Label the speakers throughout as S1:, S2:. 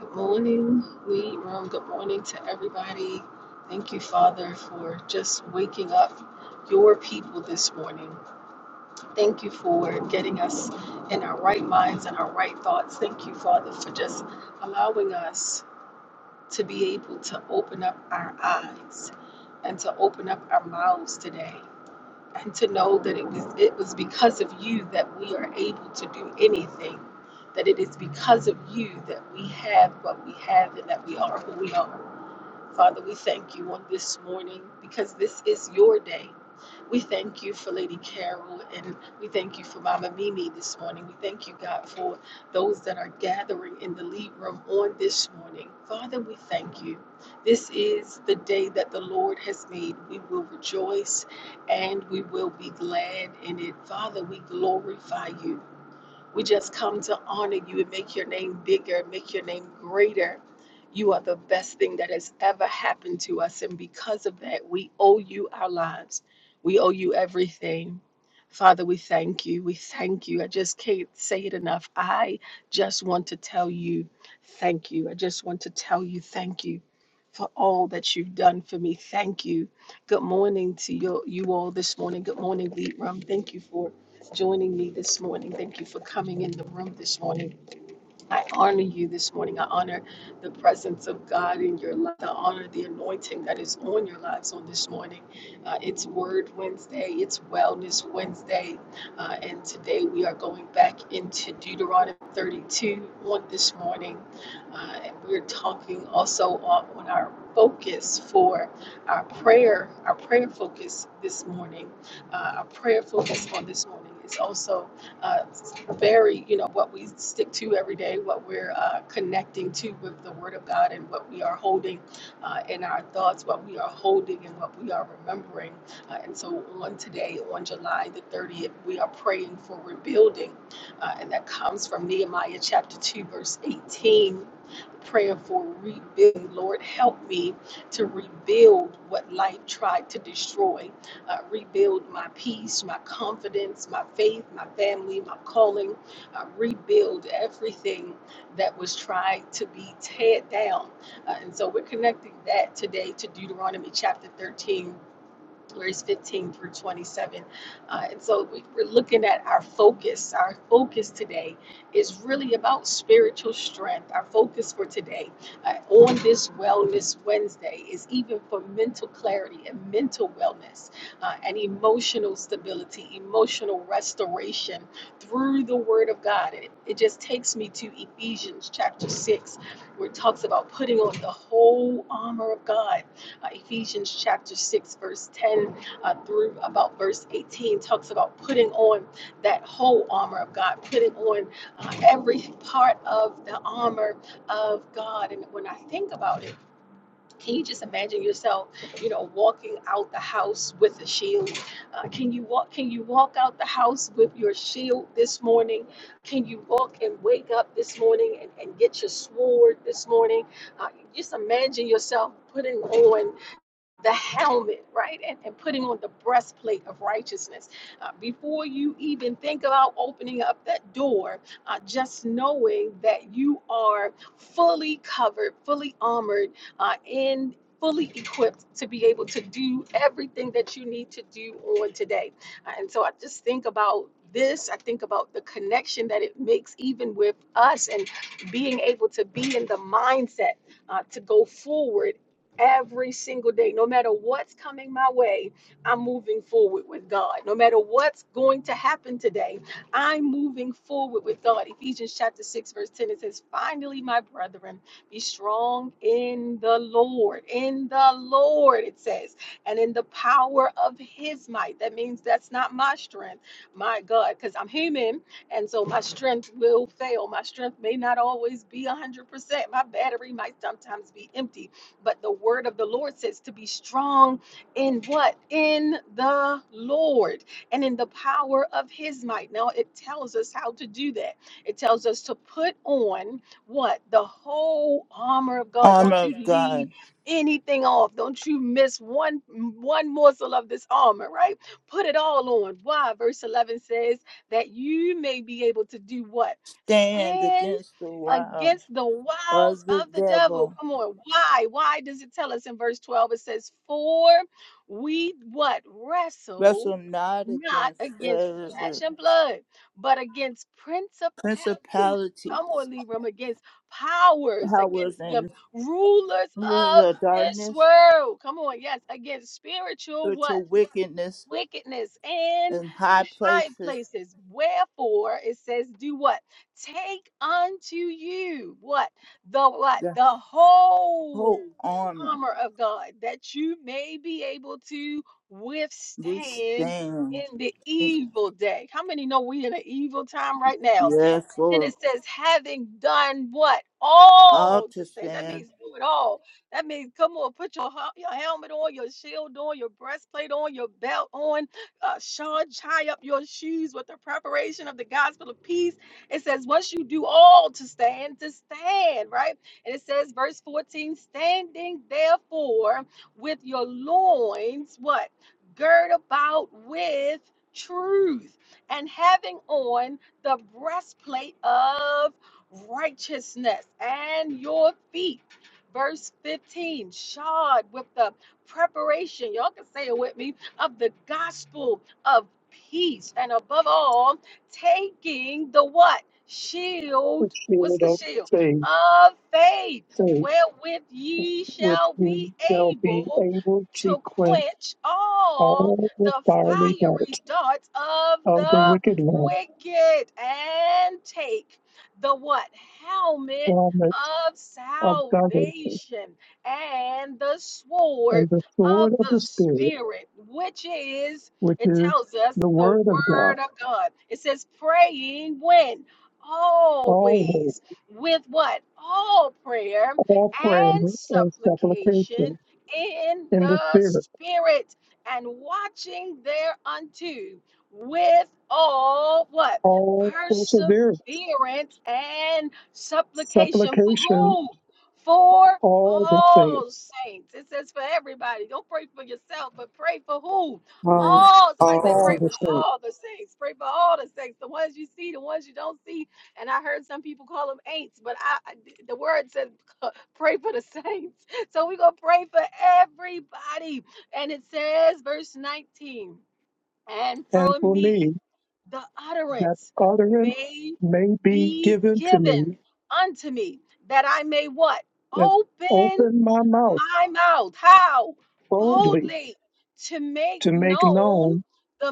S1: Good morning, Lead Room. Good morning to everybody. Thank you, Father, for just waking up your people this morning. Thank you for getting us in our right minds and our right thoughts. Thank you, Father, for just allowing us to be able to open up our eyes and to open up our mouths today and to know that it was it was because of you that we are able to do anything that it is because of you that we have what we have and that we are who we are Father, we thank you on this morning because this is your day. We thank you for Lady Carol and we thank you for Mama Mimi this morning. We thank you, God, for those that are gathering in the lead room on this morning. Father, we thank you. This is the day that the Lord has made. We will rejoice and we will be glad in it. Father, we glorify you. We just come to honor you and make your name bigger, make your name greater. You are the best thing that has ever happened to us. And because of that, we owe you our lives. We owe you everything. Father, we thank you. We thank you. I just can't say it enough. I just want to tell you thank you. I just want to tell you thank you for all that you've done for me. Thank you. Good morning to you, you all this morning. Good morning, Lead Room. Thank you for joining me this morning. Thank you for coming in the room this morning. I honor you this morning. I honor the presence of God in your life. I honor the anointing that is on your lives on this morning. Uh, it's Word Wednesday, it's Wellness Wednesday. Uh, and today we are going back into Deuteronomy 32 on this morning. Uh, and we're talking also on, on our focus for our prayer, our prayer focus this morning. Uh, our prayer focus on this morning is also. uh, very, you know, what we stick to every day, what we're uh, connecting to with the Word of God, and what we are holding uh, in our thoughts, what we are holding, and what we are remembering. Uh, and so on today, on July the 30th, we are praying for rebuilding, uh, and that comes from Nehemiah chapter 2, verse 18. Prayer for rebuilding. Lord, help me to rebuild what life tried to destroy uh, rebuild my peace, my confidence, my faith, my family, my calling, uh, rebuild everything that was tried to be teared down. Uh, and so we're connecting that today to Deuteronomy chapter 13 verse 15 through 27. Uh, and so we, we're looking at our focus. Our focus today is really about spiritual strength. Our focus for today uh, on this Wellness Wednesday is even for mental clarity and mental wellness uh, and emotional stability, emotional restoration through the Word of God. And it, it just takes me to Ephesians chapter 6, where it talks about putting on the whole armor of God uh, Ephesians chapter 6, verse 10 uh, through about verse 18 talks about putting on that whole armor of God, putting on uh, every part of the armor of God. And when I think about it, can you just imagine yourself, you know, walking out the house with a shield? Uh, can you walk? Can you walk out the house with your shield this morning? Can you walk and wake up this morning and, and get your sword this morning? Uh, just imagine yourself putting on the helmet, right? And, and putting on the breastplate of righteousness. Uh, before you even think about opening up that door, uh, just knowing that you are fully covered, fully armored, uh, and fully equipped to be able to do everything that you need to do on today. Uh, And so I just think about this i think about the connection that it makes even with us and being able to be in the mindset uh, to go forward every single day. No matter what's coming my way, I'm moving forward with God. No matter what's going to happen today, I'm moving forward with God. Ephesians chapter 6, verse 10, it says, Finally, my brethren, be strong in the Lord. In the Lord, it says, and in the power of his might. That means that's not my strength, my God, because I'm human. And so my strength will fail. My strength may not always be 100%. My battery might sometimes be empty but the word of the Lord says to be strong in what? In the Lord and in the power of his might. Now it tells us how to do that. It tells us to put on what? The whole armor of God.
S2: armor
S1: Don't
S2: of
S1: you leave
S2: God.
S1: anything off. Don't you miss one one morsel of this armor, right? Put it all on. Why? Verse 11 says that you may be able to do what?
S2: Stand
S1: Stand
S2: against the wiles
S1: against the wiles
S2: of the
S1: of the devil.
S2: devil.
S1: Come on, why? Why does it tell us in verse 12? It says, For we what wrestle
S2: Wrestle not
S1: not
S2: against
S1: against
S2: the
S1: flesh and blood, but against principalities. Come
S2: principalities,
S1: on, Libram, against powers,
S2: powers,
S1: against the
S2: and
S1: rulers
S2: rulers
S1: of
S2: of
S1: this
S2: darkness,
S1: world. Come on, yes, against spiritual what?
S2: spiritual wickedness
S1: Wickedness in
S2: in high
S1: high
S2: places.
S1: places. Wherefore it says, do what? Take unto you what? The what?
S2: The
S1: The whole
S2: whole armor
S1: armor of God that you may be able to
S2: will
S1: withstand
S2: stand.
S1: in the evil day. How many know we in an evil time right now?
S2: Yes,
S1: then
S2: Lord.
S1: it says, having done what?
S2: All
S1: All
S2: to
S1: to stand. That
S2: stand.
S1: means do it all. That means come on, put your hel- your helmet on, your shield on, your breastplate on, your belt on. Uh, Sean, tie up your shoes with the preparation of the gospel of peace. It says, once you do all to stand, to stand, right? And it says, verse 14, standing therefore with your loins, what? Gird about with truth and having on the breastplate of righteousness and your feet. Verse 15, shod with the preparation, y'all can say it with me, of the gospel of peace. And above all, taking the what?
S3: which
S1: Shield.
S3: the
S1: What's
S3: shield
S1: the
S3: of
S1: shield?
S3: faith,
S1: Of faith,
S3: so
S1: wherewith ye
S3: with
S1: shall
S3: thee
S1: be
S3: shall be
S1: able
S3: able to
S1: to
S3: quench
S1: quench all
S3: all the
S1: the
S3: fiery
S1: fiery
S3: darts
S1: darts of
S3: of the
S1: the
S3: wicked one
S1: wicked and take the what helmet
S3: from its
S1: of
S3: of salvation,
S1: salvation and the sword
S3: and the
S1: of
S3: sword of
S1: the
S3: the Spirit,
S1: spirit which is
S3: which
S1: it
S3: is
S1: tells us
S3: the
S1: the
S3: word of God,
S1: word of god it says praying when
S3: always
S1: always with what all prayer
S3: all prayer
S1: and
S3: and
S1: supplication
S3: supplication
S1: in
S3: in the
S1: the
S3: Spirit,
S1: spirit and watching thereunto with all what?
S3: all perseverance,
S1: Perseverance and supplication. For
S3: supplication,
S1: who? For
S3: all the things,
S1: all saints. It says for everybody. Don't pray for yourself, but pray for who?
S4: Oh,
S1: All. Somebody say,
S4: oh,
S1: pray
S3: all
S4: I'm
S3: the
S1: for
S3: things,
S1: all the saints. Pray for all the saints. The ones you see, the ones you don't see. And I heard some people call them ain'ts, but I, I- the word says pray for the saints. So we're going to pray for everybody. And it says, verse 19 and
S3: and
S1: for
S3: for me
S1: me the
S3: that
S1: utterance
S3: utterance
S1: may
S3: may be
S1: be
S3: given to me
S1: given unto me that I may what?
S3: and
S1: Open
S3: open my mouth
S1: my mouth. How?
S3: boldly
S1: Boldly to make
S3: to make
S1: known
S3: known
S1: the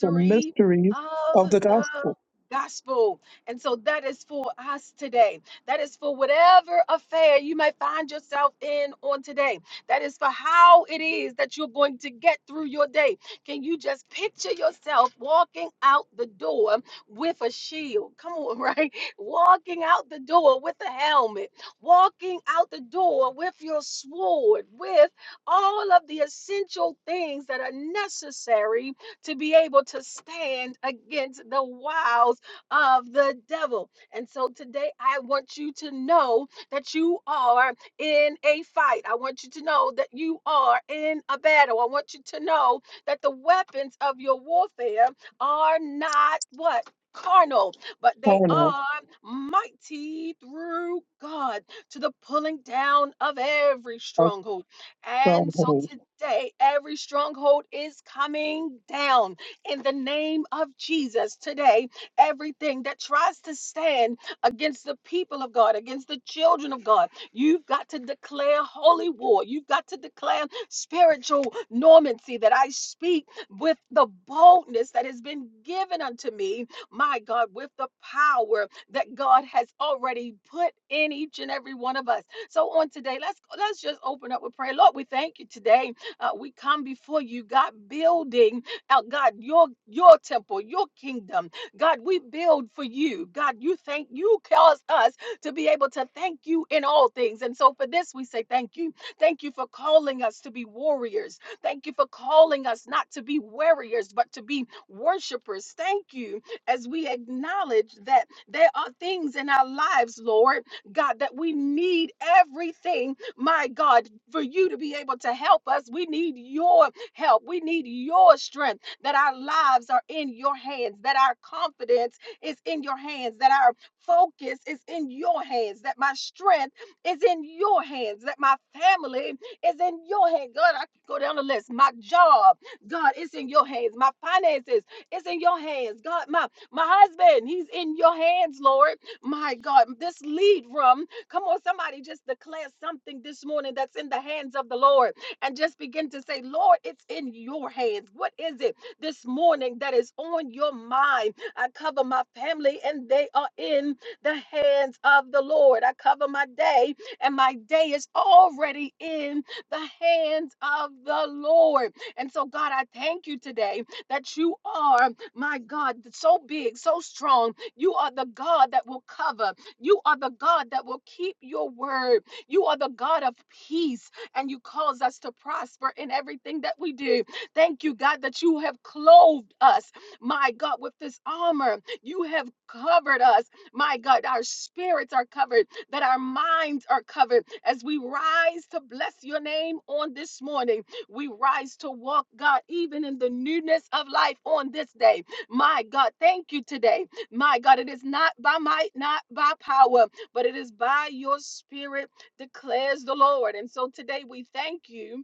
S3: the mysteries
S1: of
S3: of the
S1: the
S3: gospel,
S1: gospel. And so that is for us today. That is for whatever affair you may find yourself in on today. That is for how it is that you're going to get through your day. Can you just picture yourself walking out the door with a shield? Come on, right? Walking out the door with a helmet walking out the door with your sword, with all of the essential things that are necessary to be able to stand against the wiles of the devil. And so today, I want you to know that you are in a fight. I want you to know that you are in a battle. I want you to know that the weapons of your warfare are not what? Carnal, but they
S3: corner
S1: are mighty through God to the pulling down of every
S3: of
S1: stronghold. And so
S3: strongholds,
S1: today, every stronghold is coming down in the name of Jesus. Today, everything that tries to stand against the people of God, against the children of God, you've got to declare holy war. You've got to declare spiritual normancy that I speak with the boldness that has been given unto me, my God, with the power that God has already put in each and every one of us. So on today, let's let's just open up with prayer. Lord, we thank you today. Uh, we come before you, God, building out, God, your your temple, your kingdom. God, we build for you. God, you thank you cause us to be able to thank you in all things. And so for this, we say thank you. Thank you for calling us to be warriors. Thank you for calling us not to be warriors, but to be worshipers. Thank you as we acknowledge that there are things in our lives, Lord God, that we need everything, my God, for you to be able to help us. We need your help. We need your strength, that our lives are in your hands, that our confidence is in your hands, that our focus is in your hands, that my strength is in your hands, that my family is in your hands. God, I can go down the list. My job, God, is in your hands. My finances is in your hands. God, my my husband, he's in your hands, Lord. My God, this lead room. Come on, somebody just declare something this morning that's in the hands of the Lord and just begin to say, Lord, it's in your hands. What is it this morning that is on your mind? I cover my family and they are in the hands of the Lord. I cover my day and my day is already in the hands of the Lord. And so, God, I thank you today that you are. My God, so big, so strong. You are the God that will cover. You are the God that will keep your word. You are the God of peace, and you cause us to prosper in everything that we do. Thank you, God, that you have clothed us, my God, with this armor. You have covered us, my God. Our spirits are covered, that our minds are covered as we rise to bless your name on this morning. We rise to walk, God, even in the newness of life on this day. My God, thank you today. My God, it is not by might, not by power, but it is by your spirit, declares the Lord. And so today we thank you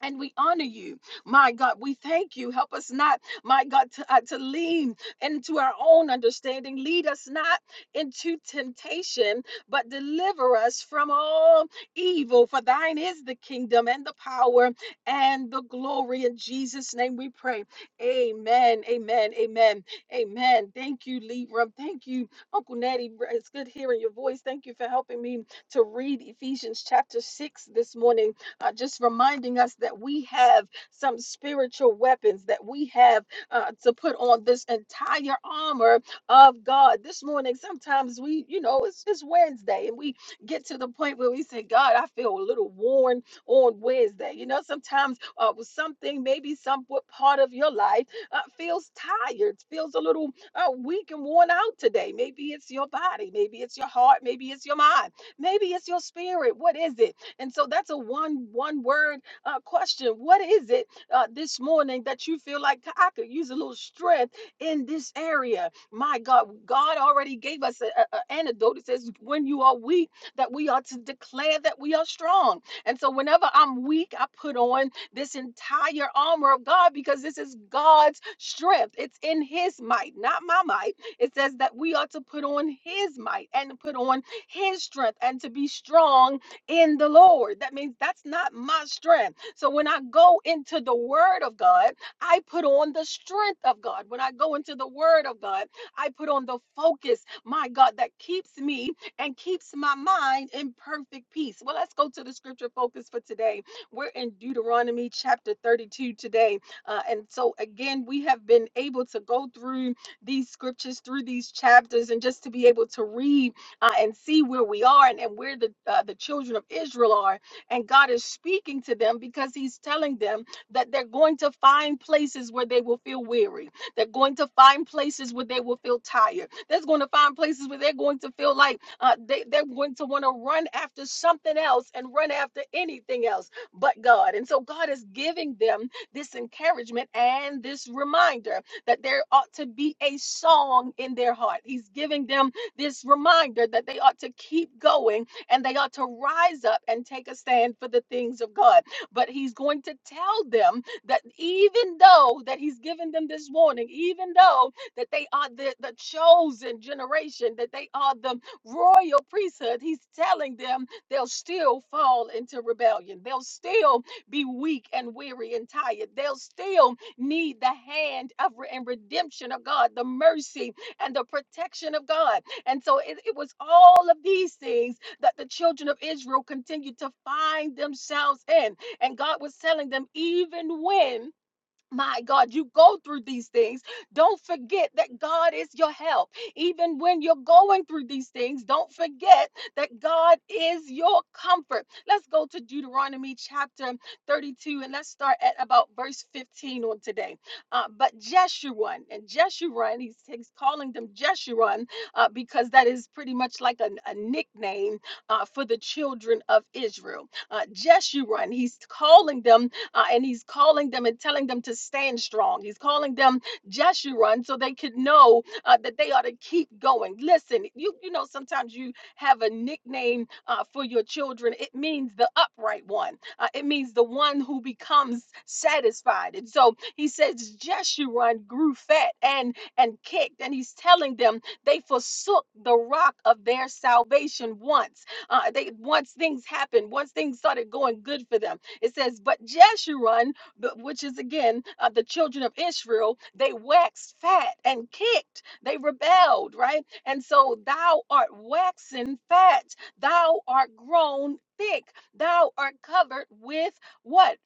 S1: and we honor you, my God. We thank you. Help us not, my God, to, uh, to lean into our own understanding. Lead us not into temptation, but deliver us from all evil. For thine is the kingdom and the power and the glory. In Jesus' name we pray. Amen. Amen. Amen. Amen. Thank you, Libram. Thank you, Uncle Natty. It's good hearing your voice. Thank you for helping me to read Ephesians chapter 6 this morning uh, just reminding us that we have some spiritual weapons that we have uh, to put on this entire armor of God. This morning, sometimes we, you know, it's, it's Wednesday and we get to the point where we say, God, I feel a little worn on Wednesday. You know, sometimes uh, with something, maybe some what part of your life uh, feels tired, feels a little uh, weak and worn out today. Maybe it's your body, maybe it's your heart, maybe it's your mind, maybe it's your spirit. What is it? And so that's a one one word uh, question. What is it uh, this morning that you feel like I could use a little strength in this area? My God, God already gave us an antidote. It says, "When you are weak, that we are to declare that we are strong." And so whenever I'm weak, I put on this entire armor of God because this is God's strength. It's in His might, not my might. It says that we are to put on His might and put on His strength and to be strong in the Lord. That means that's not my strength. So when I go into the Word of God, I put on the strength of God. When I go into the Word of God, I put on the focus, my God, that keeps me and keeps my mind in perfect peace. Well, let's go to the scripture focus for today. We're in Deuteronomy chapter 32 today. Uh, and so, again, we have been able to go through these scriptures, through these chapters, and just to be able to read uh, and see where we are and, and where the uh, the children of Israel are. And God is speaking to them because He's telling them that they're going to find places where they will feel weary. They're going to find places where they will feel tired. They're going to find places where they're going to feel like uh, they, they're going to want to run after something else and run after anything else but God. And so God is giving them this encouragement and this reminder that there ought to be a song in their heart. He's giving them this reminder that they ought to keep going and they ought to rise up and take a stand for the things of God. But he's going to tell them that even though that he's given them this warning, even though that they are the, the chosen generation, that they are the royal priesthood, he's telling them they'll still fall into rebellion. They'll still be weak and weary and tired. They'll still need the hand of re- and redemption of God, the mercy and the protection of God. And so it, it was all of these things that the children of Israel continued to find themselves in. And God was telling them, even when my God, you go through these things. Don't forget that God is your help. Even when you're going through these things, don't forget that God is your comfort. Let's go to Deuteronomy chapter 32 and let's start at about verse 15 on today. Uh, but Jeshurun, and Jeshurun, he's, he's calling them Jeshurun uh, because that is pretty much like a, a nickname uh, for the children of Israel. Uh, Jeshurun, he's calling them uh, and he's calling them and telling them to stand strong. He's calling them Jeshurun so they could know uh, that they ought to keep going. Listen, you you know sometimes you have a nickname uh, for your children. It means the upright one. Uh, it means the one who becomes satisfied. And so he says Jeshurun grew fat and and kicked, and he's telling them they forsook the rock of their salvation once. Uh, they once things happened, once things started going good for them, it says, But Jeshurun, the- which is again uh, the children of Israel, they waxed fat and kicked. They rebelled, right? And so thou art waxen fat. Thou art grown thick. Thou art covered with what?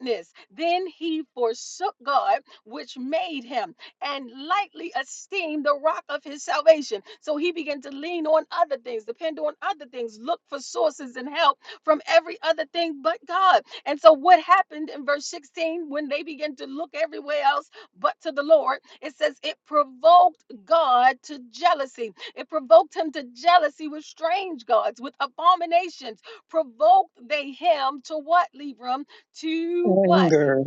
S1: Fatness. Then he forsook God, which made him, and lightly esteemed the rock of his salvation. So he began to lean on other things, depend on other things, look for sources and help from every other thing but God. And so, what happened in verse 16 when they began to look everywhere else but to the Lord? It says it provoked God to jealousy. It provoked him to jealousy with strange gods, with abominations. Provoked they him to what, Libram? To what?
S3: anger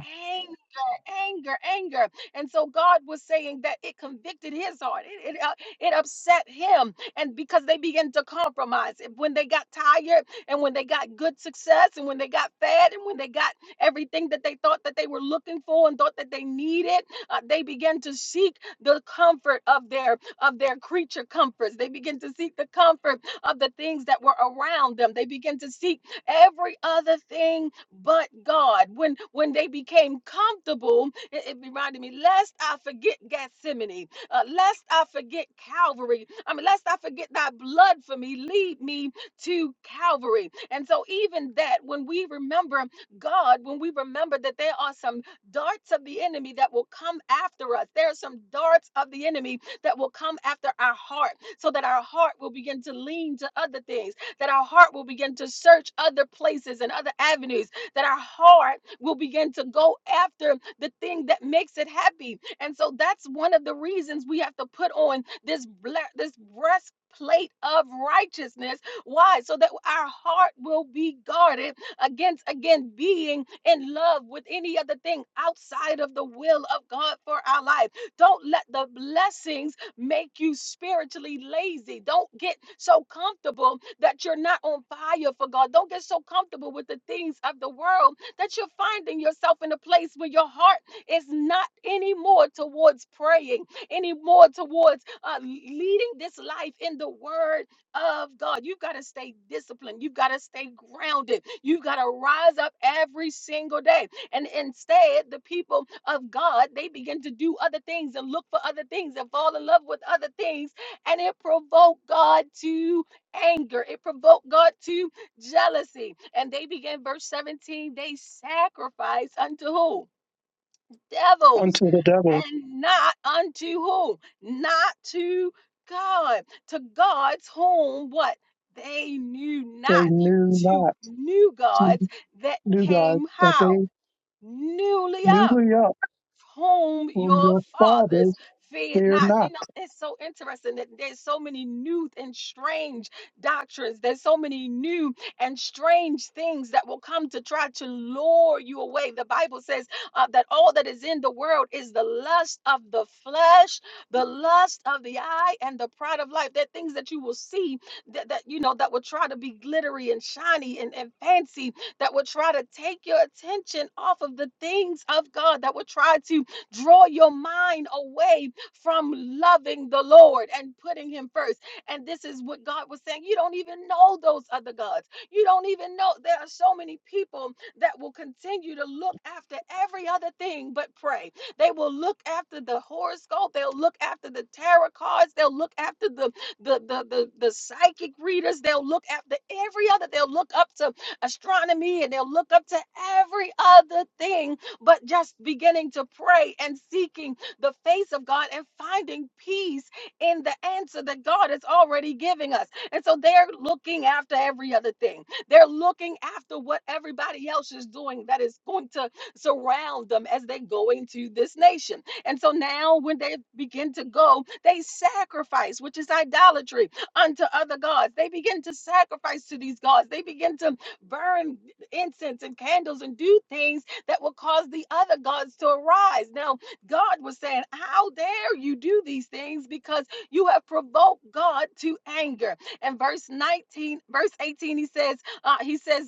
S1: anger, anger. And so God was saying that it convicted his heart. It, it, uh, it upset him. And because they began to compromise, And when they got tired and when they got good success and when they got fed and when they got everything that they thought that they were looking for and thought that they needed, uh, they began to seek the comfort of their of their creature comforts. They begin to seek the comfort of the things that were around them. They begin to seek every other thing but God. When when they became comfortable, it, it reminded me, lest I forget Gethsemane, uh, lest I forget Calvary. I mean, lest I forget thy blood for me, lead me to Calvary. And so even that, when we remember God, when we remember that there are some darts of the enemy that will come after us, there are some darts of the enemy that will come after our heart, so that our heart will begin to lean to other things, that our heart will begin to search other places and other avenues that our heart will begin to go after the thing that makes it happy. And so that's one of the reasons we have to put on this ble- this breastplate of righteousness. Why? So that our heart will be guarded against again being in love with any other thing outside of the will of God for our life. Don't let the blessings make you spiritually lazy. Don't get so comfortable that you're not on fire for God. Don't get so comfortable with the things of the world that you're finding yourself in a place where your heart is not anymore towards praying, anymore towards uh, leading this life in the word of God. You've got to stay disciplined. You've got to stay grounded. You've got to rise up every single day and instead, the people of God, they begin to do other things and look for other things and fall in love with other things. And it provoked God to anger. It provoked God to jealousy. And they begin, verse 17, they sacrifice unto who? Devils.
S3: unto the devil.
S1: And not unto who? Not to God. To God's whom what? They knew not.
S3: They knew
S1: To
S3: not
S1: new
S3: to
S1: gods that
S3: knew God
S1: came
S3: that
S1: how?
S3: they
S1: newly up,
S3: newly up
S1: whom
S3: whom
S1: your
S3: your
S1: fathers
S3: fathers
S1: feared
S3: fear
S1: not. You
S3: not.
S1: know, it's so interesting that there's so many new and strange doctrines. There's so many new and strange things that will come to try to lure you away. The Bible says uh, that all that is in the world is the lust of the flesh, the lust of the eye, and the pride of life. They're things that you will see that, that you know that will try to be glittery and shiny and, and fancy that will try to take your attention off of the things of God, that will try to draw your mind away from loving the Lord and putting Him first. And this is what God was saying. You don't even know those other gods. You don't even know. There are so many people that will continue to look after every other thing but pray. They will look after the horoscope. They'll look after the tarot cards. They'll look after the the the the, the psychic readers. They'll look after every other. They'll look up to astronomy and they'll look up to every other thing, but just beginning to pray and seeking the face of God and finding peace in the answer that God is already giving us. And so they're looking after every other thing. They're looking after what everybody else is doing that is going to surround them as they go into this nation. And so now when they begin to go, they sacrifice, which is idolatry, unto other gods. They begin to sacrifice to these gods. They begin to burn incense and candles and do things that will cause the other gods to arise. Now, God was saying, How dare you do these things because you have provoked God to anger. And verse 19, verse 18, he says, uh, he says,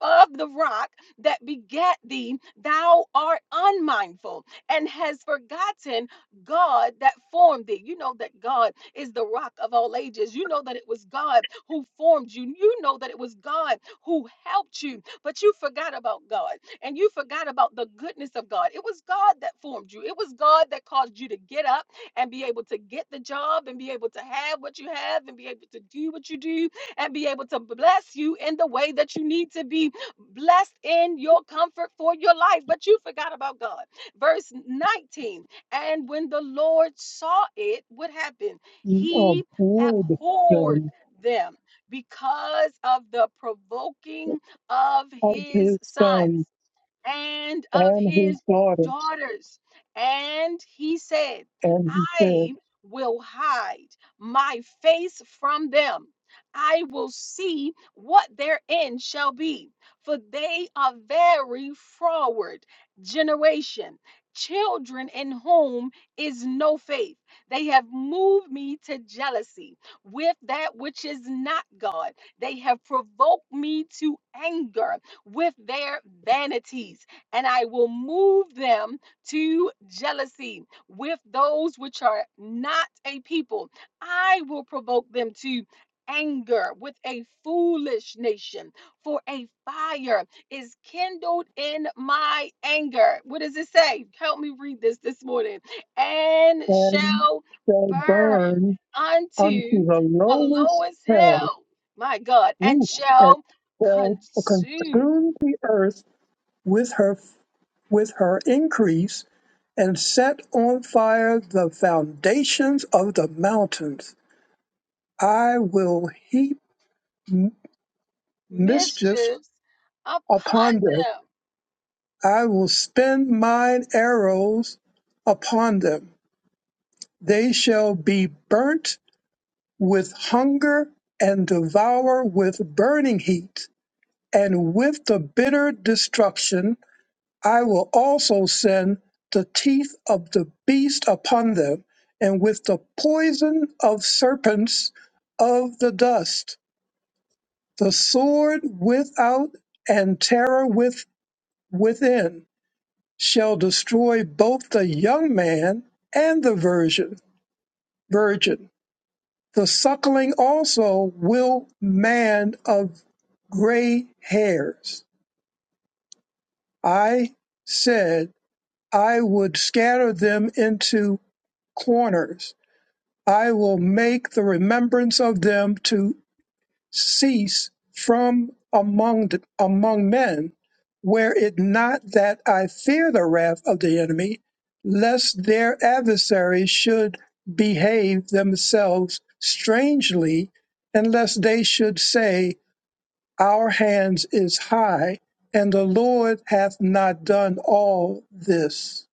S1: of the rock that begat thee, thou art unmindful and has forgotten God that formed thee. You know that God is the rock of all ages. You know that it was God who formed you. You know that it was God who helped you, but you forgot about God and you forgot about the goodness of God. It was God that formed you, it was God that caused you to get up and be able to get the job and be able to have what you have and be able to do what you do and be able to bless you in the way that you need to be blessed in your comfort for your life, but you forgot about God. Verse 19, and when the Lord saw it, what happened?
S3: You
S1: He
S3: abhorred
S1: abhorred
S3: them
S1: them because of the provoking of
S3: of
S1: his
S3: his
S1: son
S3: sons
S1: and of
S3: and his
S1: his
S3: daughters,
S1: daughters. And he said,
S3: and he said,
S1: I will hide my face from them. I will see what their end shall be, for they are very forward generation, children in whom is no faith. They have moved me to jealousy with that which is not God. They have provoked me to anger with their vanities, and I will move them to jealousy with those which are not a people. I will provoke them to anger with a foolish nation, for a fire is kindled in my anger. What does it say? Help me read this this morning. And
S3: and
S1: shall
S3: shall
S1: burn
S3: burn unto
S1: unto
S3: the
S1: the
S3: lowest
S1: lowest
S3: hell
S1: hell, my God, and
S3: Ooh, and
S1: shall
S3: shall
S1: consume.
S3: consume the earth with her with her increase, and set on fire the foundations of the mountains. I will heap m- mischief
S1: mischiefs upon
S3: upon them.
S1: them.
S3: I will spend mine arrows upon them. They shall be burnt with hunger and devour with burning heat and with the bitter destruction I will also send the teeth of the beast upon them, and with the poison of serpents of the dust, the sword without and terror with within shall destroy both the young man and the virgin. Virgin, the suckling also will man of gray hairs. I said I would scatter them into corners I will make the remembrance of them to cease from among the, among men. Were it not that I fear the wrath of the enemy, lest their adversaries should behave themselves strangely, and lest they should say, Our hands is high, and the Lord hath not done all this.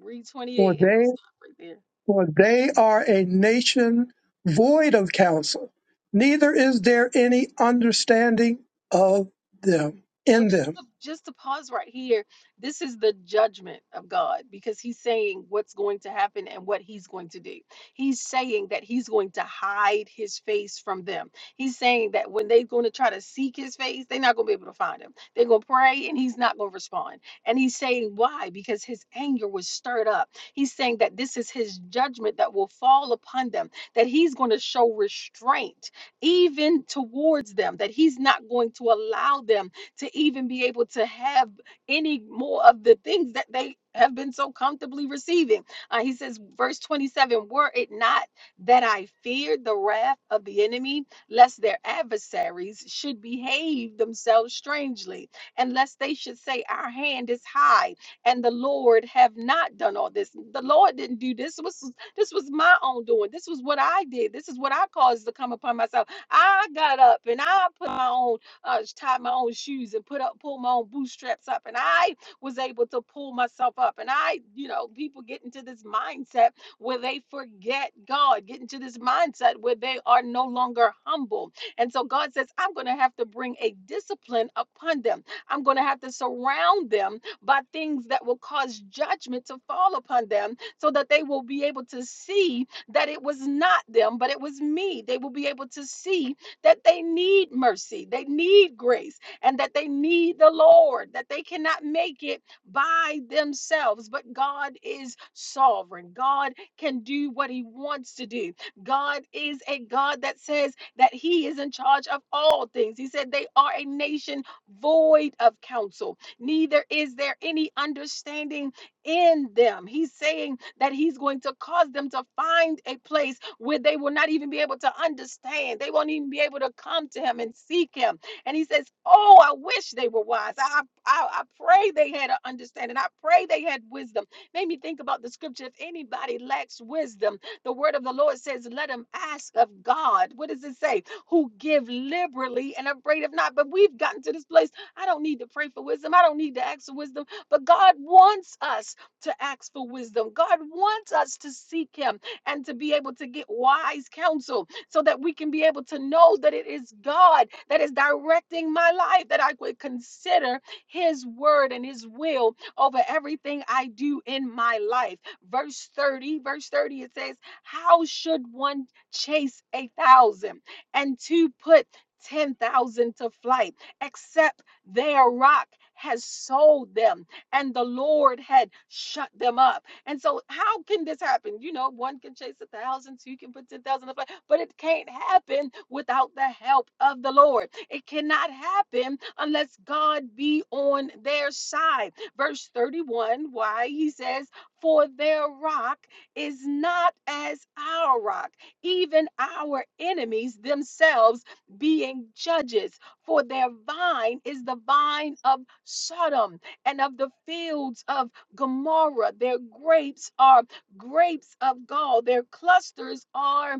S1: Read
S3: for
S1: 28 and we'll
S3: they.
S1: stop right there.
S3: For they are a nation void of counsel, neither is there any understanding of them
S1: So
S3: in
S1: just
S3: them.
S1: to, just to pause right here, this is the judgment of God because he's saying what's going to happen and what he's going to do. He's saying that he's going to hide his face from them. He's saying that when they're going to try to seek his face, they're not going to be able to find him. They're going to pray and he's not going to respond. And he's saying why? Because his anger was stirred up. He's saying that this is his judgment that will fall upon them, that he's going to show restraint even towards them, that he's not going to allow them to even be able to have any more of the things that they have been so comfortably receiving. Uh, he says, verse 27 Were it not that I feared the wrath of the enemy, lest their adversaries should behave themselves strangely, and lest they should say, Our hand is high, and the Lord have not done all this. The Lord didn't do this. This was, this was my own doing. This was what I did. This is what I caused to come upon myself. I got up and I put my own uh, tie my own shoes and put up, pull my own bootstraps up. And I was able to pull myself up. And I, you know, people get into this mindset where they forget God, get into this mindset where they are no longer humble. And so God says, I'm going to have to bring a discipline upon them. I'm going to have to surround them by things that will cause judgment to fall upon them so that they will be able to see that it was not them, but it was me. They will be able to see that they need mercy, they need grace, and that they need the Lord, that they cannot make it by themselves. But God is sovereign. God can do what He wants to do. God is a God that says that He is in charge of all things. He said they are a nation void of counsel, neither is there any understanding in them. He's saying that He's going to cause them to find a place where they will not even be able to understand. They won't even be able to come to him and seek him. And he says, Oh, I wish they were wise. I, I, I pray they had an understanding. I pray they had wisdom. Made me think about the scripture if anybody lacks wisdom, the word of the Lord says, Let him ask of God. What does it say? Who give liberally and afraid of not. But we've gotten to this place. I don't need to pray for wisdom. I don't need to ask for wisdom. But God wants us to ask for wisdom. God wants us to seek Him and to be able to get wise counsel so that we can be able to know that it is God that is directing my life, that I would consider His word and His will over everything I do in my life. Verse 30, verse 30, it says, How should one chase a thousand and to put 10,000 to flight, except their rock has sold them and the Lord had shut them up? And so, how can this happen? You know, one can chase a thousand, two can put ten thousand to flight, but it can't happen without the help of the Lord. It cannot happen unless God be on their side. Verse 31, why he says, For their rock is not as our rock, even our enemies themselves being judges. For their vine is the vine of Sodom and of the fields of Gomorrah. Their grapes are grapes of gall. Their clusters are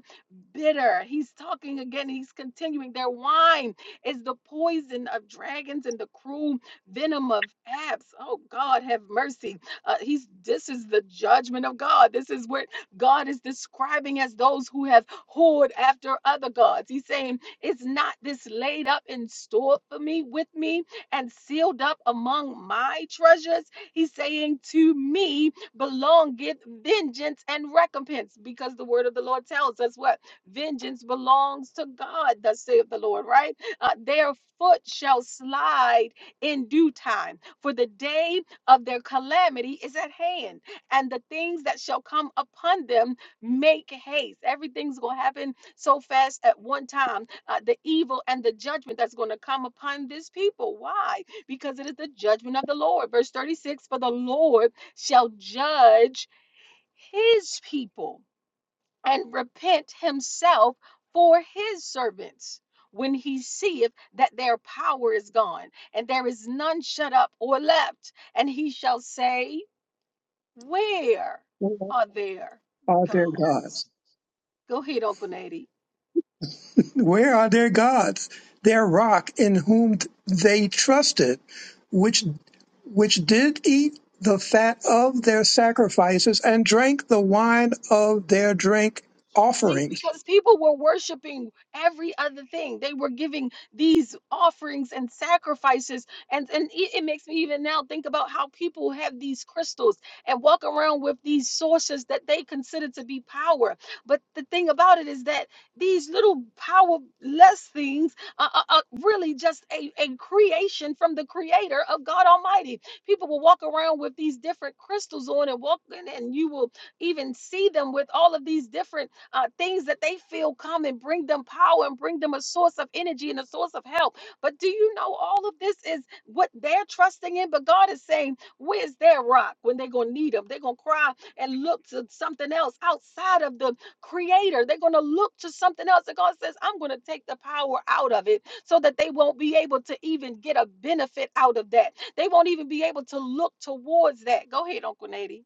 S1: bitter. He's talking again. He's continuing. Their wine is the poison of dragons and the cruel venom of apes. Oh God, have mercy. Uh, he's this is the judgment of God. This is what God is describing as those who have whored after other gods. He's saying, it's not this laid up and stored for me with me and sealed up among my treasures?" He's saying, To me belongeth vengeance and recompense, because the word of the Lord tells us what vengeance belongs to God, thus saith the Lord, right? Uh, their foot shall slide in due time, for the day of their calamity is at hand, and the things that shall come upon them make haste. Everything's going to happen so fast at one time. Uh, the evil and the judgment that's going to come upon this people. Why? because it is the judgment of the Lord. Verse 36 For the Lord shall judge his people and repent himself for his servants when he seeth that their power is gone and there is none shut up or left. And he shall say, Where
S3: Where
S1: are their
S3: are their gods?
S1: gods? Go ahead, Uncle Nady.
S3: Where are their gods? Their rock in whom they trusted, which which did eat the fat of their sacrifices and drank the wine of their drink
S1: See,
S3: offerings.
S1: because people were worshiping every other thing. They were giving these offerings and sacrifices. And, and it, it makes me even now think about how people have these crystals and walk around with these sources that they consider to be power. But the thing about it is that these little powerless things are, are, are really just a, a creation from the creator of God Almighty. People will walk around with these different crystals on and walk, and and you will even see them with all of these different uh, things that they feel come and bring them power and bring them a source of energy and a source of help. But do you know all of this is what they're trusting in? But God is saying, Where's their rock when they're going to need them? They're going to cry and look to something else outside of the creator. They're going to look to something else. And God says, I'm going to take the power out of it so that they won't be able to even get a benefit out of that. They won't even be able to look towards that. Go ahead, Uncle Nady.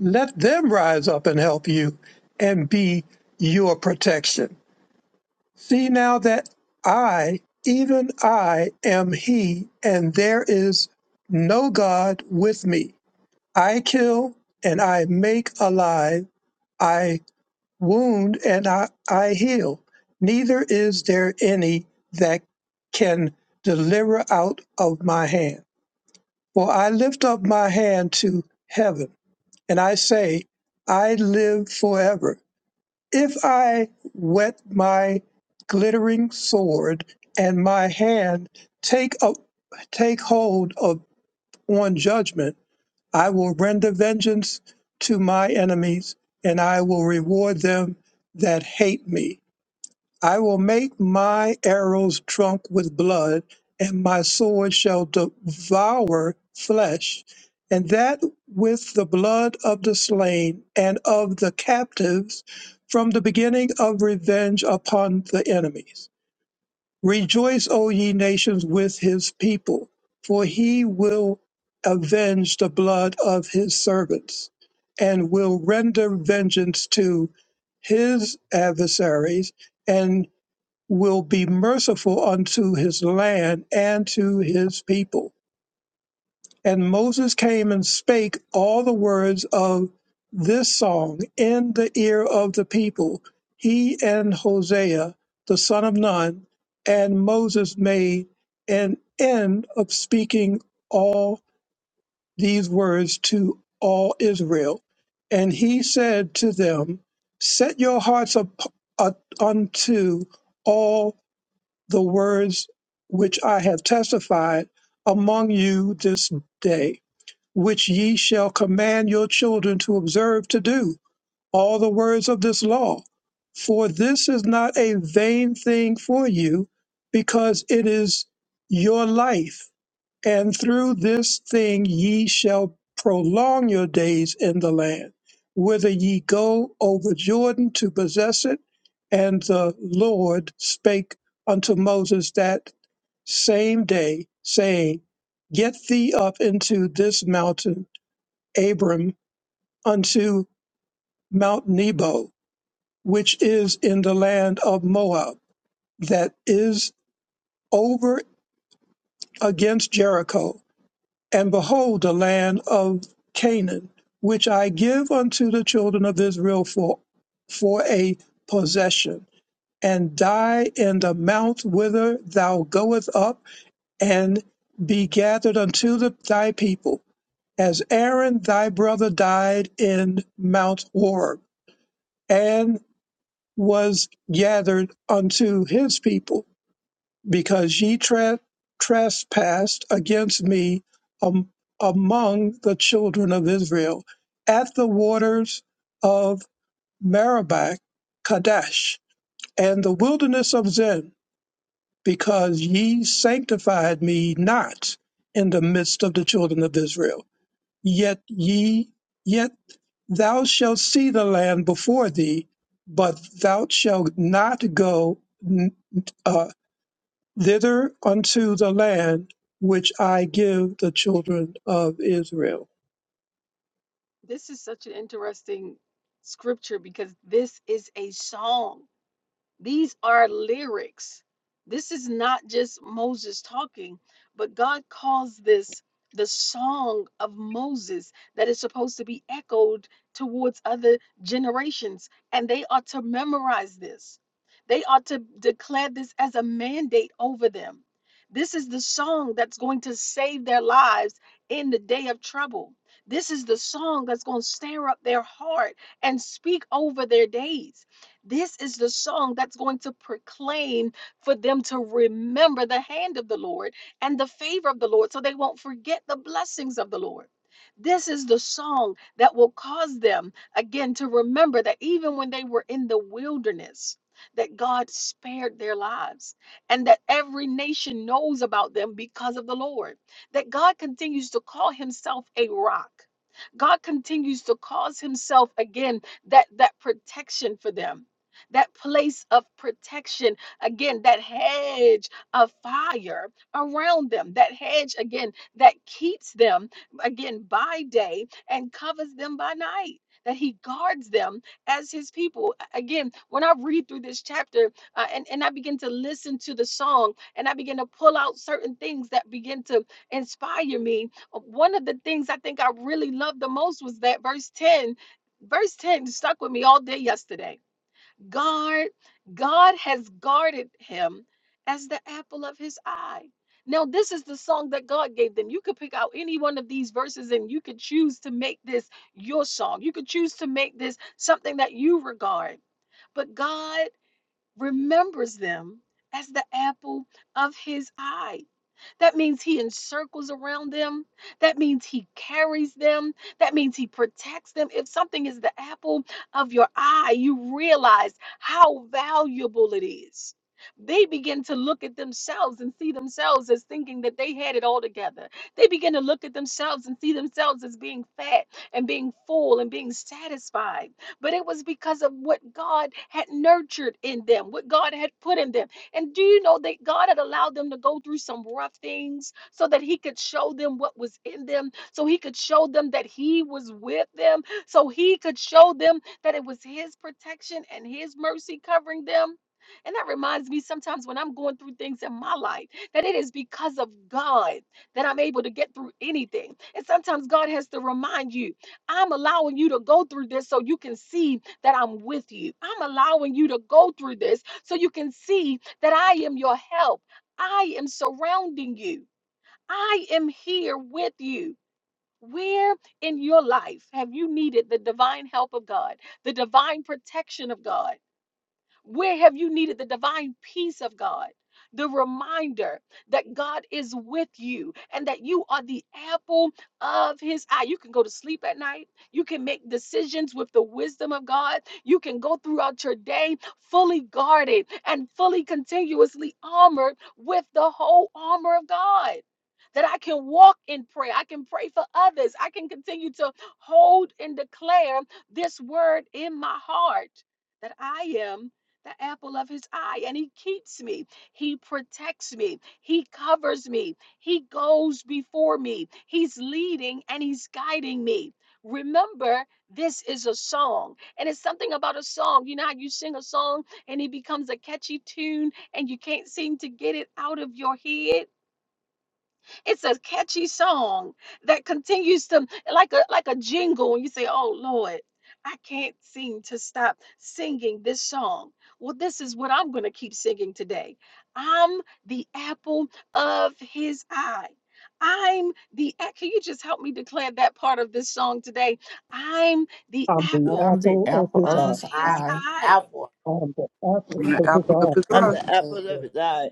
S3: Let them rise up and help you and be your protection See now that I, even I, am He, and there is no God with me. I kill and I make alive, I wound and I, I heal. Neither is there any that can deliver out of my hand. For I lift up my hand to heaven, and I say, I live forever if I wet my glittering sword and my hand take up, take hold of on judgment, I will render vengeance to my enemies, and I will reward them that hate me. I will make my arrows drunk with blood, and my sword shall devour flesh, and that with the blood of the slain and of the captives, from the beginning of revenge upon the enemies. Rejoice, O ye nations, with his people, for he will avenge the blood of his servants, and will render vengeance to his adversaries, and will be merciful unto his land and to his people. And Moses came and spake all the words of this song in the ear of the people, he and Hosea, the son of Nun. And Moses made an end of speaking all these words to all Israel. And he said to them, Set your hearts up, up unto all the words which I have testified among you this day, which ye shall command your children to observe to do, all the words of this law. For this is not a vain thing for you, because it is your life and through this thing ye shall prolong your days in the land, whither ye go over Jordan to possess it. And the Lord spake unto Moses that same day, saying, Get thee up into this mountain, Abram, unto Mount Nebo, which is in the land of Moab, that is over against Jericho and behold the land of Canaan, which I give unto the children of Israel for for a possession, and die in the mount whither thou goest up, and be gathered unto the, thy people, as Aaron thy brother died in Mount Horeb, and was gathered unto his people because ye tra- trespassed against me am- among the children of Israel at the waters of Meribah, Kadesh, and the wilderness of Zin, because ye sanctified me not in the midst of the children of Israel. Yet ye, yet thou shalt see the land before thee, but thou shalt not go thither unto the land which I give the children of Israel.
S1: This is such an interesting scripture because this is a song. These are lyrics. This is not just Moses talking, but God calls this the song of Moses that is supposed to be echoed towards other generations. And they ought to memorize this, they ought to declare this as a mandate over them. This is the song that's going to save their lives in the day of trouble. This is the song that's going to stir up their heart and speak over their days. This is the song that's going to proclaim for them to remember the hand of the Lord and the favor of the Lord so they won't forget the blessings of the Lord. This is the song that will cause them again to remember that even when they were in the wilderness, that God spared their lives and that every nation knows about them because of the Lord. That God continues to call himself a rock. God continues to cause himself again that that protection for them that place of protection, again, that hedge of fire around them, that hedge, again, that keeps them, again, by day and covers them by night. That he guards them as his people. A- Again, when I read through this chapter uh, and, and I begin to listen to the song and I begin to pull out certain things that begin to inspire me, uh, one of the things I think I really loved the most was that verse 10, verse 10 stuck with me all day yesterday guard god has guarded him as the apple of his eye now this is the song that god gave them you could pick out any one of these verses and you could choose to make this your song you could choose to make this something that you regard but god remembers them as the apple of his eye that means he encircles around them. That means he carries them. That means he protects them. If something is the apple of your eye, you realize how valuable it is. They begin to look at themselves and see themselves as thinking that they had it all together. They begin to look at themselves and see themselves as being fat and being full and being satisfied. But it was because of what God had nurtured in them, what God had put in them. And do you know that God had allowed them to go through some rough things so that He could show them what was in them, so He could show them that He was with them, so He could show them that it was His protection and His mercy covering them? And that reminds me sometimes when I'm going through things in my life that it is because of God that I'm able to get through anything. And sometimes God has to remind you, I'm allowing you to go through this so you can see that I'm with you. I'm allowing you to go through this so you can see that I am your help. I am surrounding you. I am here with you. Where in your life have you needed the divine help of God, the divine protection of God? Where have you needed the divine peace of God? The reminder that God is with you and that you are the apple of his eye. You can go to sleep at night. You can make decisions with the wisdom of God. You can go throughout your day fully guarded and fully continuously armored with the whole armor of God. That I can walk in prayer. I can pray for others. I can continue to hold and declare this word in my heart that I am the apple of his eye and he keeps me. He protects me. He covers me. He goes before me. He's leading and he's guiding me. Remember, this is a song, and it's something about a song. You know how you sing a song and it becomes a catchy tune, and you can't seem to get it out of your head? It's a catchy song that continues to like a like a jingle and you say, "Oh Lord, I can't seem to stop singing this song." Well, this is what I'm going to keep singing today. I'm the apple of his eye. I'm the a- Can you just help me declare that part of this song today? I'm the
S3: I'm the
S5: Love
S1: apple
S5: you.
S6: I'm the
S3: apple of
S6: apple
S3: his
S6: of
S1: of
S3: eye.
S6: his
S1: his
S5: I,
S6: eye.
S1: eye.
S5: I,
S3: I'm the apple
S4: the
S3: of his
S4: apple of his
S3: eye.
S2: I'm
S4: eye.
S2: the
S5: Thank
S2: apple of
S5: you.
S2: his eye.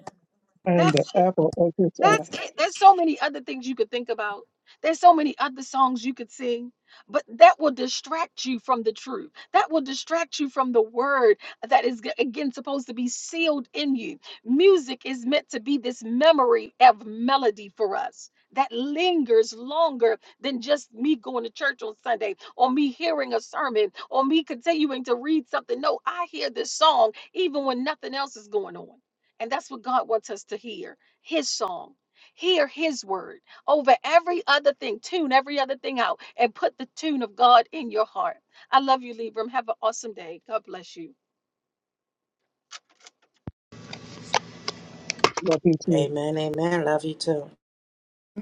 S3: I'm
S1: That's
S3: the
S1: it.
S3: apple of his
S1: That's
S3: eye.
S1: it. There's so many other things you could think about. There's so many other songs you could sing, but that will distract you from the truth. That will distract you from the word that is, g- again, supposed to be sealed in you. Music is meant to be this memory of melody for us that lingers longer than just me going to church on Sunday or me hearing a sermon or me continuing to read something. No, I hear this song even when nothing else is going on. And that's what God wants us to hear his song. Hear his word over every other thing. Tune every other thing out and put the tune of God in your heart. I love you, Libram. Have an awesome day. God bless you.
S3: Love you too.
S5: Amen. Amen. Love you too.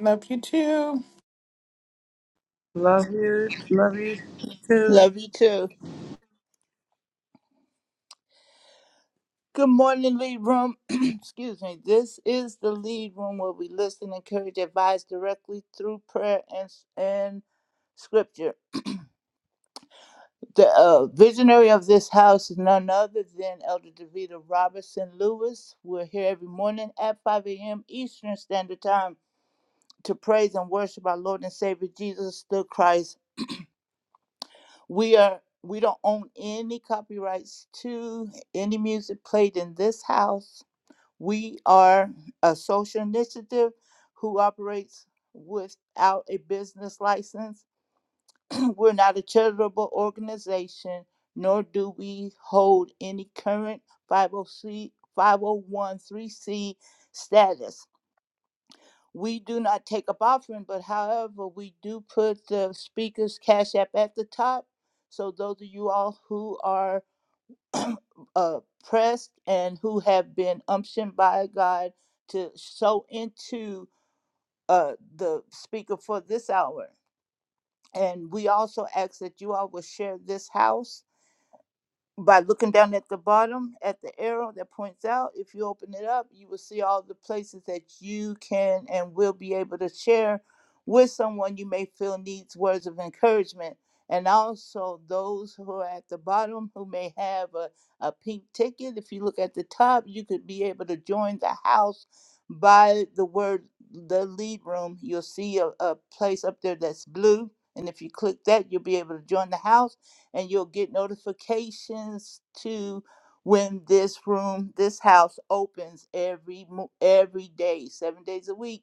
S6: Love you too.
S4: Love you, love you too.
S2: Love you too. Good morning, Lead Room. Excuse me. This is the Lead Room where we listen, encourage, advise directly through prayer and, and scripture. The uh, visionary of this house is none other than Elder DeVita Robertson Lewis. We're here every morning at 5 a.m. Eastern Standard Time to praise and worship our Lord and Savior Jesus the Christ. We are we don't own any copyrights to any music played in this house We are a social initiative who operates without a business license. We're not a charitable organization, nor do we hold any current 50C 501c status. We do not take up offering, but however, we do put the speaker's cash app at the top. So those of you all who are uh, pressed and who have been umptioned by God to sow into uh, the speaker for this hour. And we also ask that you all will share this house by looking down at the bottom at the arrow that points out, if you open it up, you will see all the places that you can and will be able to share with someone you may feel needs words of encouragement. And also those who are at the bottom who may have a, a pink ticket. If you look at the top, you could be able to join the house by the word the lead room. You'll see a, a place up there that's blue. And if you click that, you'll be able to join the house and you'll get notifications to when this room, this house opens every mo- every day, 7 days a week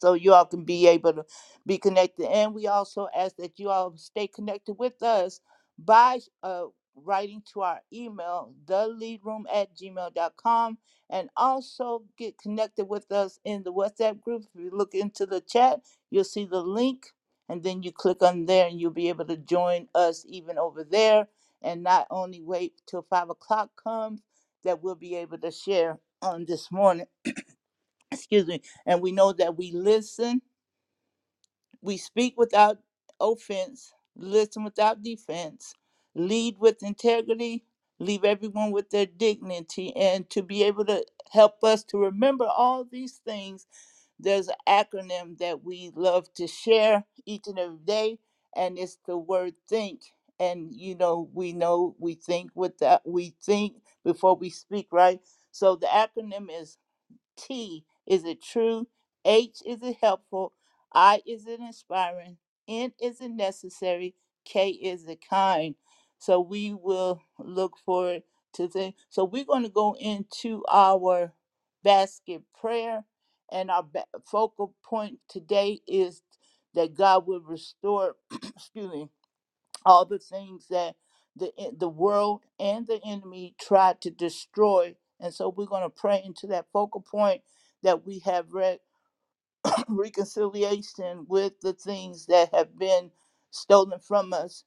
S2: so you all can be able to be connected. And we also ask that you all stay connected with us by uh, writing to our email, theleadroom at gmail dot com, and also get connected with us in the WhatsApp group. If you look into the chat, you'll see the link, and then you click on there and you'll be able to join us even over there. And not only wait till five o'clock comes, that we'll be able to share on this morning. Excuse me. And we know that we listen we speak without offense, listen without defense, lead with integrity, leave everyone with their dignity, and to be able to help us to remember all these things, there's an acronym that we love to share each and every day, and it's the word think. And you know, we know we think with that we think before we speak, right? So the acronym is T, is it true? H, is it helpful? I, is it inspiring? N, is it necessary? K, is it kind? So we will look forward to things. So we're going to go into our basket prayer, and our ba- focal point today is that God will restore, excuse me, all the things that the en- the world and the enemy tried to destroy. And so we're going to pray into that focal point that we have re- reconciliation with the things that have been stolen from us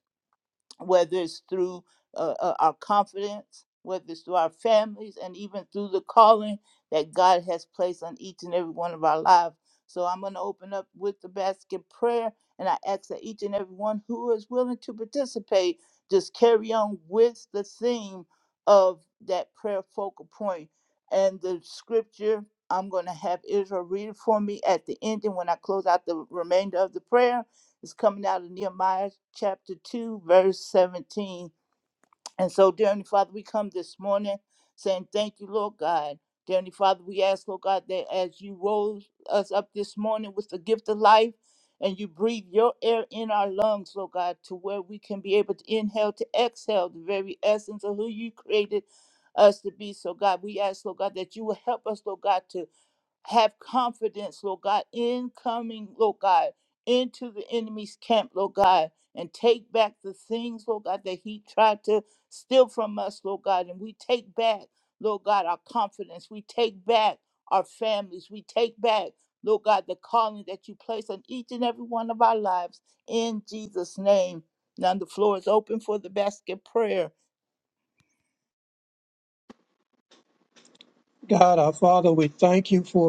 S2: whether it's through uh, uh, our confidence, whether it's through our families, and even through the calling that God has placed on each and every one of our lives. So I'm going to open up with the basket prayer, and I ask that each and every one who is willing to participate just carry on with the theme of that prayer focal point. And the scripture, I'm going to have Israel read it for me at the end, and when I close out the remainder of the prayer. It's coming out of Nehemiah chapter 2, verse 17. And so, dear Heavenly Father, we come this morning saying, Thank you, Lord God. Dear Heavenly Father, we ask, Lord God, that as you rose us up this morning with the gift of life and you breathe your air in our lungs, Lord God, to where we can be able to inhale to exhale the very essence of who you created us to be. So, God, we ask, Lord God, that you will help us, Lord God, to have confidence, Lord God, in coming, Lord God, into the enemy's camp, Lord God, and take back the things, Lord God, that he tried to steal from us, Lord God. And we take back, Lord God, our confidence. We take back our families. We take back, Lord God, the calling that you place on each and every one of our lives in Jesus' name. Now the floor is open for the basket prayer.
S3: God, our Father, we thank you for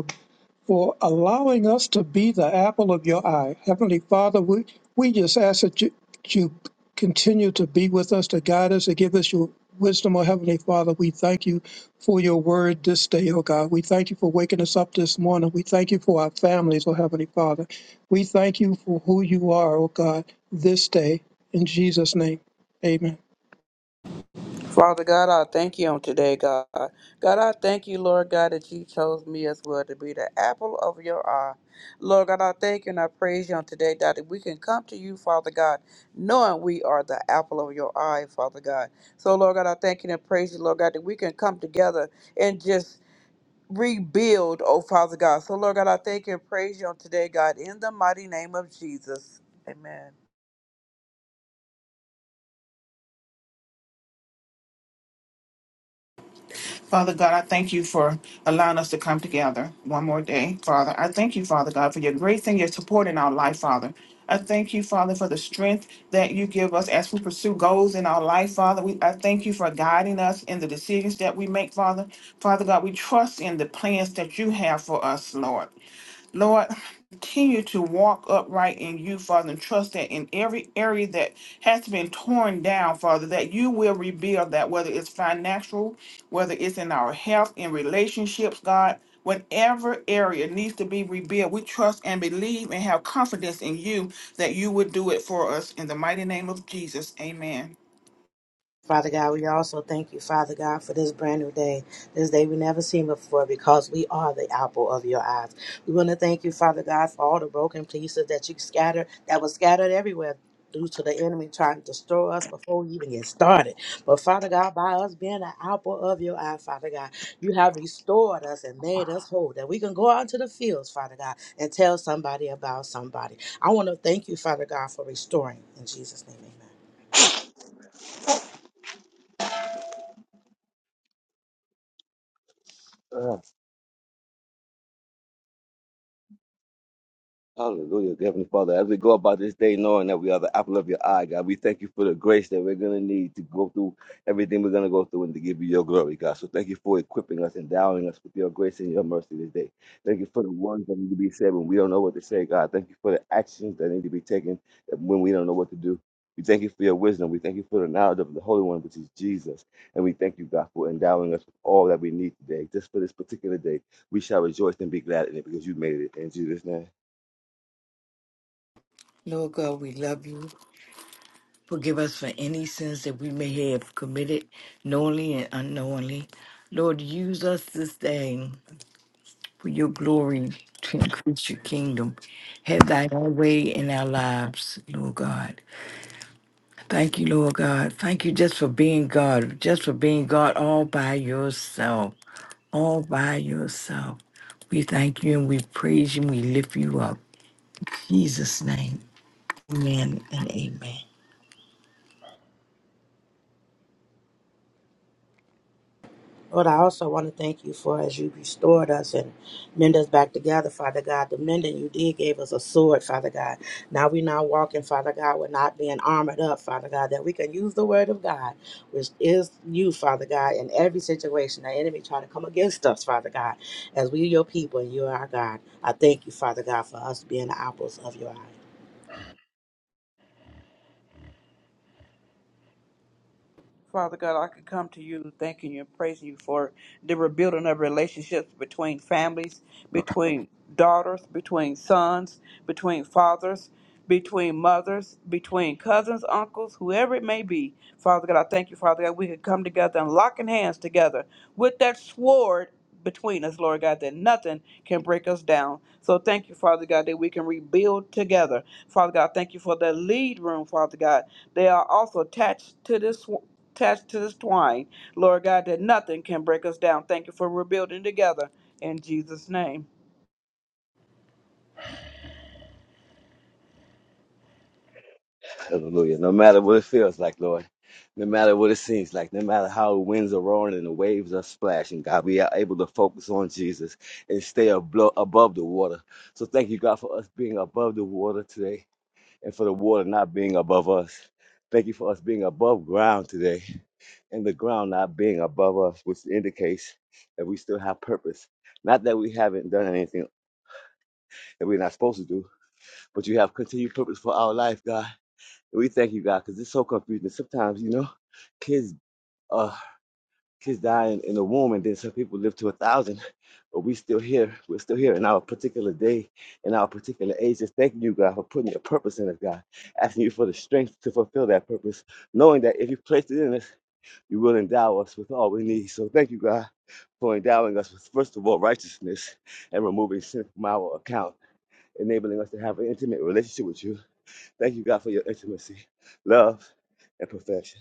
S3: for allowing us to be the apple of your eye. Heavenly Father, we, we just ask that you, you continue to be with us, to guide us, to give us your wisdom, oh Heavenly Father. We thank you for your word this day, oh God. We thank you for waking us up this morning. We thank you for our families, oh Heavenly Father. We thank you for who you are, oh God, this day. In Jesus' name, amen.
S4: Father God, I thank you on today, God. God, I thank you, Lord God, that you chose me as well to be the apple of your eye. Lord God, I thank you and I praise you on today, God, that we can come to you, Father God, knowing we are the apple of your eye, Father God. So, Lord God, I thank you and praise you, Lord God, that we can come together and just rebuild, oh Father God. So, Lord God, I thank you and praise you on today, God, in the mighty name of Jesus. Amen.
S6: Father God, I thank you for allowing us to come together one more day, Father. I thank you, Father God, for your grace and your support in our life, Father. I thank you, Father, for the strength that you give us as we pursue goals in our life, Father. We, I thank you for guiding us in the decisions that we make, Father. Father God, we trust in the plans that you have for us, Lord. Lord, continue to walk upright in you, Father, and trust that in every area that has been torn down, Father, that you will rebuild that, whether it's financial, whether it's in our health, in relationships, God, whatever area needs to be rebuilt, we trust and believe and have confidence in you that you would do it for us. In the mighty name of Jesus, amen.
S5: Father God, we also thank you, Father God, for this brand new day, this day we never seen before, because we are the apple of your eyes. We want to thank you, Father God, for all the broken pieces that you scattered, that was scattered everywhere due to the enemy trying to destroy us before we even get started. But Father God, by us being the apple of your eye, Father God, you have restored us and made us whole, that we can go out to the fields, Father God, and tell somebody about somebody. I want to thank you, Father God, for restoring. In Jesus' name, amen.
S7: Ah, Hallelujah, dear Heavenly Father. As we go about this day, knowing that we are the apple of your eye, God, we thank you for the grace that we're going to need to go through everything we're going to go through and to give you your glory, God. So thank you for equipping us, endowing us with your grace and your mercy this day. Thank you for the words that need to be said when we don't know what to say, God. Thank you for the actions that need to be taken when we don't know what to do. We thank you for your wisdom. We thank you for the knowledge of the Holy One, which is Jesus. And we thank you, God, for endowing us with all that we need today. Just for this particular day, we shall rejoice and be glad in it because you made it. In Jesus' name.
S8: Lord God, we love you. Forgive us for any sins that we may have committed knowingly and unknowingly. Lord, use us this day for your glory to increase your kingdom. Have thy own way in our lives, Lord God. Thank you, Lord God. Thank you just for being God, just for being God all by yourself, all by yourself. We thank you and we praise you and we lift you up. In Jesus' name, amen and amen.
S5: Lord, I also want to thank you for as you restored us and mend us back together, Father God. The mending you did gave us a sword, Father God. Now we're not walking, Father God. We're not being armored up, Father God, that we can use the word of God, which is you, Father God, in every situation. The enemy trying to come against us, Father God, as we are your people and you are our God. I thank you, Father God, for us being the apples of your eye.
S4: Father God, I could come to you thanking you and praising you for the rebuilding of relationships between families, between daughters, between sons, between fathers. between mothers, between cousins, uncles, whoever it may be. Father God, I thank you, Father God, we could come together and locking hands together with that sword between us, Lord God, that nothing can break us down. So thank you, Father God, that we can rebuild together. Father God, thank you for the lead room, Father God. They are also attached to this sw- attached to this twine, Lord God, that nothing can break us down. Thank you for rebuilding together in Jesus' name.
S7: Hallelujah. No matter what it feels like, Lord, no matter what it seems like, no matter how the winds are roaring and the waves are splashing, God, we are able to focus on Jesus and stay ablo- above the water. So thank you, God, for us being above the water today and for the water not being above us. Thank you for us being above ground today and the ground not being above us, which indicates that we still have purpose. Not that we haven't done anything that we're not supposed to do, but you have continued purpose for our life, God. And we thank you, God, because it's so confusing. Sometimes, you know, kids uh kids die in, in the womb and then some people live to a thousand, but we still here. We're still here in our particular day, in our particular age. Just thanking you, God, for putting your purpose in us, God. Asking you for the strength to fulfill that purpose, knowing that if you placed it in us, you will endow us with all we need. So thank you, God, for endowing us with first of all righteousness and removing sin from our account, enabling us to have an intimate relationship with you Thank you, God, for your intimacy, love, and perfection.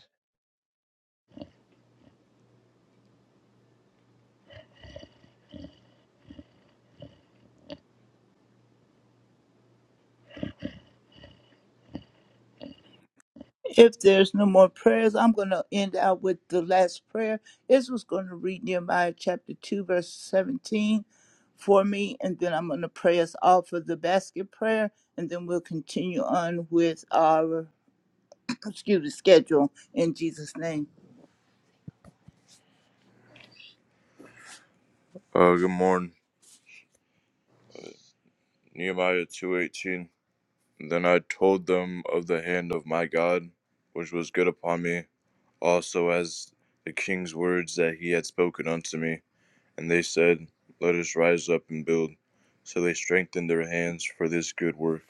S2: If there's no more prayers, I'm going to end out with the last prayer. Israel's going to read Nehemiah chapter 2, verse 17 for me, and then I'm going to pray us all for the basket prayer, and then we'll continue on with our excuse me, schedule in Jesus' name. Uh, good morning. Nehemiah 2.18 Then I told them of the hand of my God, which was good upon me, also as the king's words that he had spoken unto me. And they said, Let us rise up and build. So they strengthened their hands for this good work.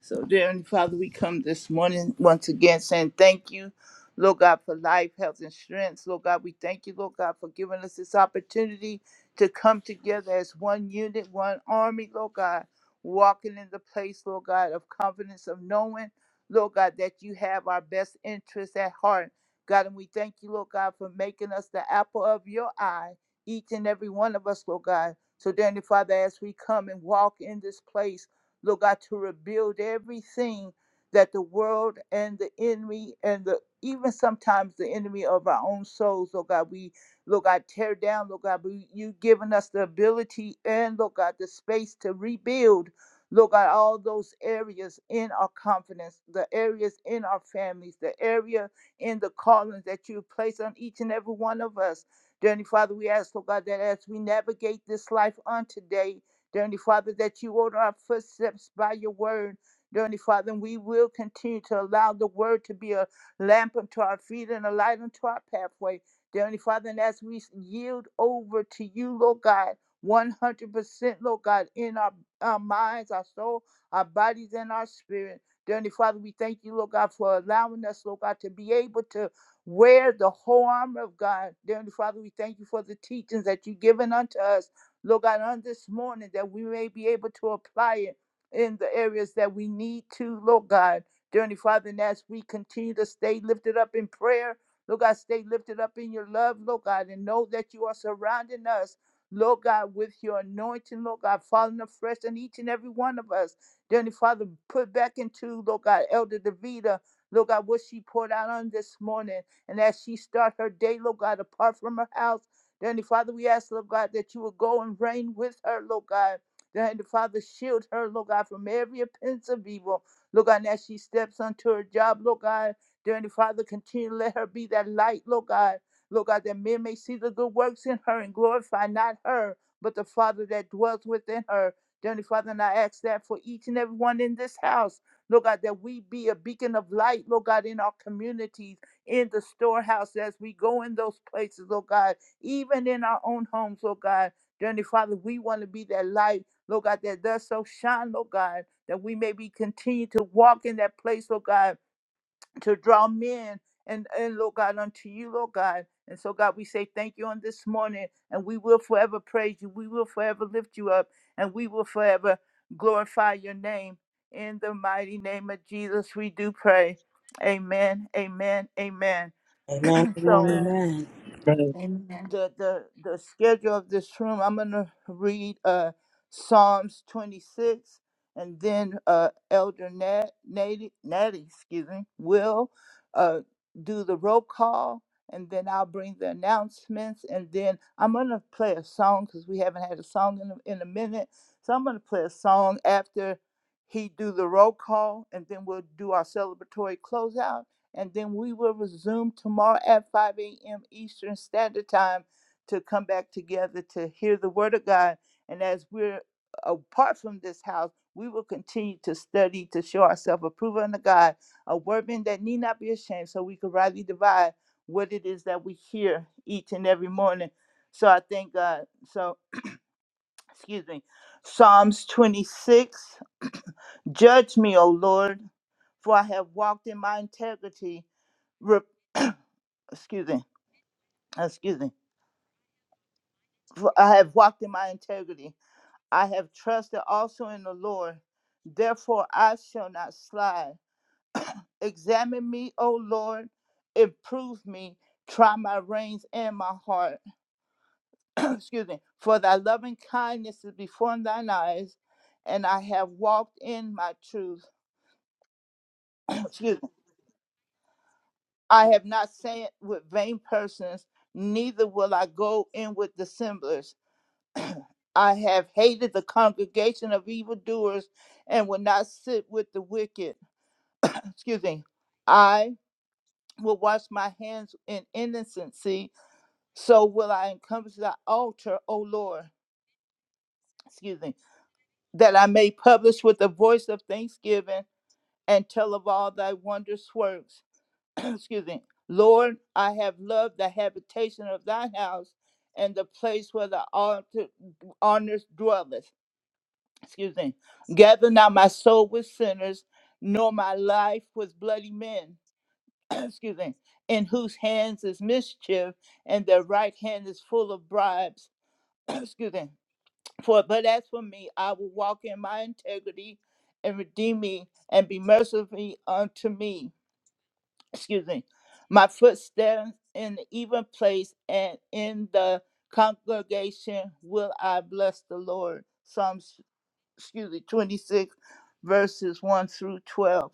S2: So, dear Heavenly Father, we come this morning once again saying thank you, Lord God, for life, health, and strength. Lord God, we thank you, Lord God, for giving us this opportunity to come together as one unit, one army, Lord God, walking in the place, Lord God, of confidence of knowing, Lord God, that you have our best interests at heart. God, and we thank you, Lord God, for making us the apple of your eye, each and every one of us, Lord God. So, dear Heavenly Father, as we come and walk in this place, Lord God, to rebuild everything that the world and the enemy and the even sometimes the enemy of our own souls, Lord God, we Lord God, tear down, Lord God, we, you've given us the ability and Lord God, the space to rebuild, Lord God, all those areas in our confidence, the areas in our families, the area in the callings that you place on each and every one of us. Dearly Father, we ask, Lord God, that as we navigate this life on today, Dear Heavenly Father, that you order our footsteps by your word. Dear Heavenly Father, and we will continue to allow the word to be a lamp unto our feet and a light unto our pathway. Dear Heavenly Father, and as we yield over to you, Lord God, 100%, Lord God, in our, our minds, our soul, our bodies, and our spirit. Dear Heavenly Father, we thank you, Lord God, for allowing us, Lord God, to be able to wear the whole armor of God. Dear Heavenly Father, we thank you for the teachings that you've given unto us. Lord God, on this morning that we may be able to apply it in the areas that we need to, Lord God. Dearly Father, and as we continue to stay lifted up in prayer, Lord God, stay lifted up in your love, Lord God, and know that you are surrounding us, Lord God, with your anointing, Lord God, falling afresh on each and every one of us. Dearly Father, put back into, Lord God, Elder Davida, Lord God, what she poured out on this morning. And as she start her day, Lord God, apart from her house, Dear Father, we ask, Lord God, that you will go and reign with her, Lord God. Dear Father, shield her, Lord God, from every offense of evil. Lord God, and as she steps onto her job, Lord God, dear Father, continue to let her be that light, Lord God. Lord God, that men may see the good works in her and glorify not her, but the Father that dwells within her. Dear Father, and I ask that for each and every one in this house, Lord God, that we be a beacon of light, Lord God, in our communities, in the storehouse as we go in those places, Lord God even in our own homes, Lord God. Dearly Father, we want to be that light, Lord God, that does so shine, Lord God, that we may be continue to walk in that place, Lord God, to draw men and, and Lord God unto you, Lord God. And so, God, we say thank you on this morning, and we will forever praise you. We will forever lift you up, and we will forever glorify your name. In the mighty name of Jesus, we do pray. Amen, amen, amen.
S5: Amen, amen,
S2: So,
S4: Amen.
S5: amen.
S3: Amen.
S6: Amen.
S2: the the the schedule of this room. I'm gonna read uh Psalms 26, and then uh Elder Nat Natty, Natty excuse me, will uh do the roll call, and then I'll bring the announcements, and then I'm gonna play a song because we haven't had a song in a, in a minute. So I'm gonna play a song after he do the roll call, and then we'll do our celebratory closeout and then we will resume tomorrow at 5 a.m. Eastern Standard Time to come back together to hear the Word of God. And as we're apart from this house, we will continue to study to show ourselves approved unto God, a workman that need not be ashamed, so we can rightly divide what it is that we hear each and every morning. So I thank God. So excuse me, Psalms 26. Judge me, O Lord, for I have walked in my integrity. Re- excuse me, excuse me. For I have walked in my integrity. I have trusted also in the Lord. Therefore, I shall not slide. Examine me, O Lord. Improve me. Try my reins and my heart. excuse me, for thy loving kindness is before thine eyes, and I have walked in my truth. excuse me. I have not sat with vain persons, neither will I go in with dissemblers. I have hated the congregation of evildoers and will not sit with the wicked. excuse me. I will wash my hands in innocency, so will I encompass thy altar, O Lord. Excuse me. That I may publish with the voice of thanksgiving and tell of all thy wondrous works. Excuse me. Lord, I have loved the habitation of thy house and the place where the altar- honors dwelleth. Excuse me. Gather not my soul with sinners, nor my life with bloody men. Excuse me. In whose hands is mischief, and their right hand is full of bribes. Excuse me. For but as for me, I will walk in my integrity and redeem me and be merciful unto me excuse me, my footsteps in the even place and in the congregation will I bless the Lord. Psalms, excuse me, 26, verses 1 through 12.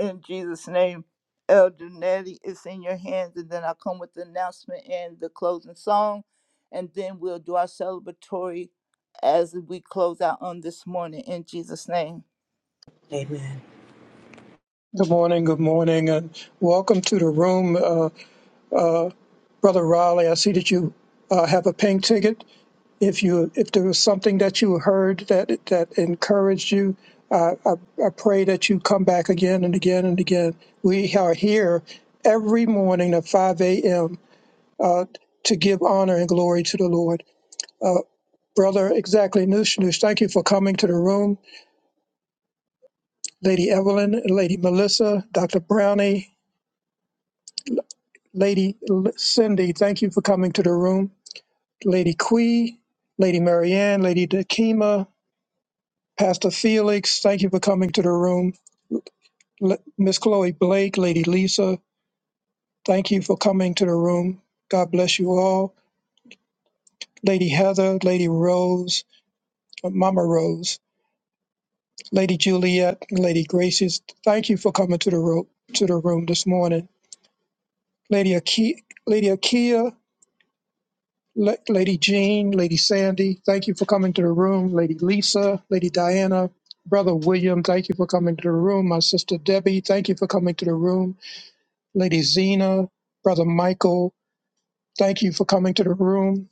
S2: In Jesus' name, Elder Nelly, it's in your hands. And then I'll come with the announcement and the closing song. And then we'll do our celebratory as we close out on this morning in Jesus' name.
S5: Amen.
S3: Good morning, good morning, and welcome to the room, uh, Brother Riley. I see that you uh, have a pink ticket. if you if there was something that you heard that that encouraged you uh, I, I pray that you come back again and again and again we are here every morning at 5 a.m uh, to give honor and glory to the lord uh, brother exactly nushnush thank you for coming to the room lady evelyn lady melissa dr brownie lady L- cindy thank you for coming to the room lady quee lady marianne lady dakima pastor felix thank you for coming to the room Le- Miss Chloe Blake, Lady Lisa, thank you for coming to the room. God bless you all. Lady Heather, Lady Rose, uh, Mama Rose, Lady Juliet, Lady Graces, thank you for coming to the room to the room this morning. Lady Akia, Lady Akia, Le- Lady Jean, Lady Sandy, thank you for coming to the room. Lady Lisa, Lady Diana, Brother William, thank you for coming to the room. My sister Debbie, thank you for coming to the room. Lady Zena, Brother Michael, Thank you for coming to the room.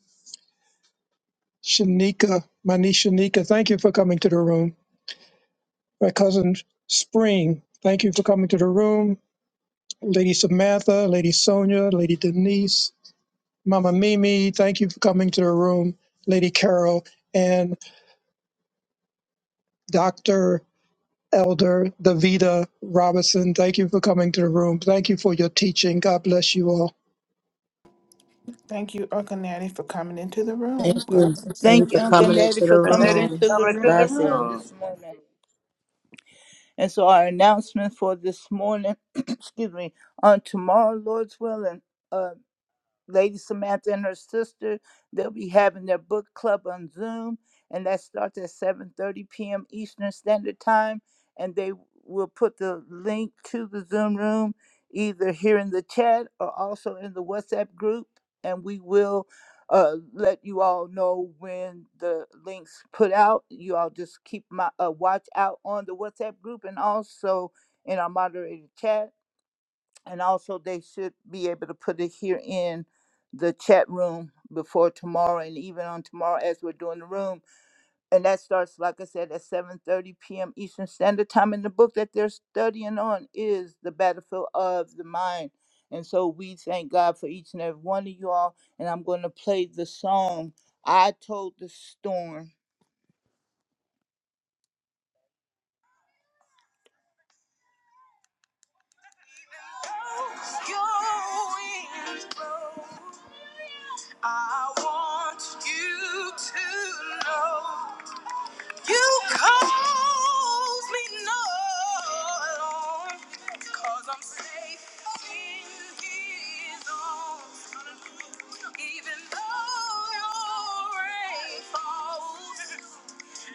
S3: Shanika, my niece Shanika, thank you for coming to the room. My cousin Spring, thank you for coming to the room. Lady Samantha, Lady Sonia, Lady Denise, Mama Mimi, thank you for coming to the room. Lady Carol and Dr. Elder Davida Robinson, thank you for coming to the room. Thank you for your teaching. God bless you all.
S6: Thank you, Uncle for coming into the
S5: Thank
S6: room. God
S5: you. Thank
S6: bless
S5: you
S6: you.
S2: Thank you,
S5: for
S2: Uncle
S5: coming
S2: Natty,
S5: into the
S2: for
S4: And
S2: coming
S4: ladies,
S5: room.
S2: into the
S4: coming
S2: room
S4: to the
S2: on
S5: Blessings.
S2: this morning. And so our announcement for this morning, excuse me, on tomorrow, Lord's willing. uh, Lady Samantha and her sister. They'll be having their book club on Zoom, and that starts at 7:30 p.m. Eastern Standard Time. And they will put the link to the Zoom room either here in the chat or also in the WhatsApp group, and we will uh, let you all know when the links put out. You all just keep my uh, watch out on the WhatsApp group and also in our moderated chat. And also, they should be able to put it here in the chat room before tomorrow and even on tomorrow as we're doing the room. And that starts, like I said, at 7.30 p.m. Eastern Standard Time. And the book that they're studying on is The Battlefield of the Mind. And so we thank God for each and every one of you all. And I'm going to play the song, I Told the Storm. Your wings blow. I want you to know. You calls me no, cause I'm safe in his arms. Even though your rain falls,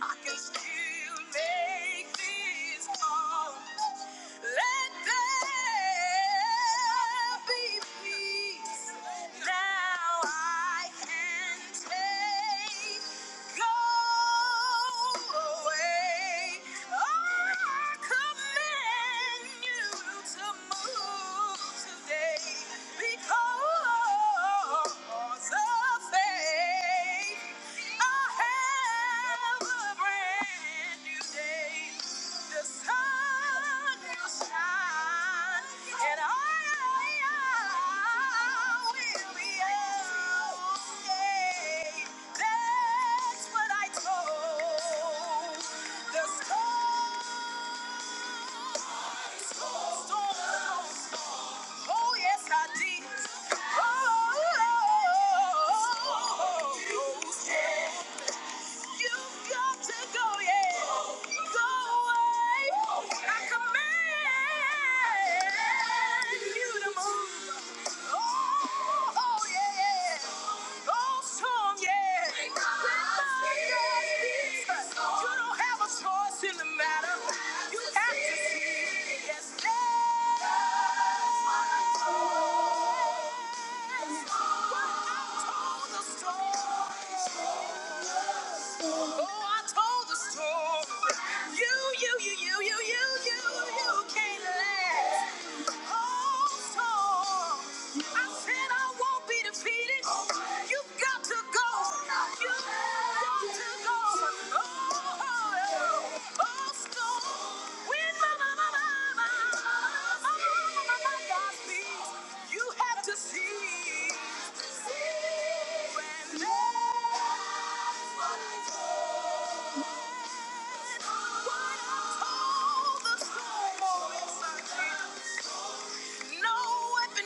S2: I can still make this call. Let there be peace. Now I can take. Go away. Oh, I command you to move today because of faith. I have a brand Oh yes I did. Oh, oh, oh, oh, oh, oh, oh. You've got to go, yeah. Go away. I command you to move. Oh, oh, yeah. Go strong, yeah. Because Jesus, You don't have a choice in the matter. You have to see. Yes, yes. What I told the Oh, I told the story. You, you, you, you, you, you, you, you can't last. Oh, so I said I won't be defeated. You've got to go. You've got to go. Oh, oh, oh, storm. When my, my, my, my, my, my, my, my, my, my, my God speaks, you have to see. No weapon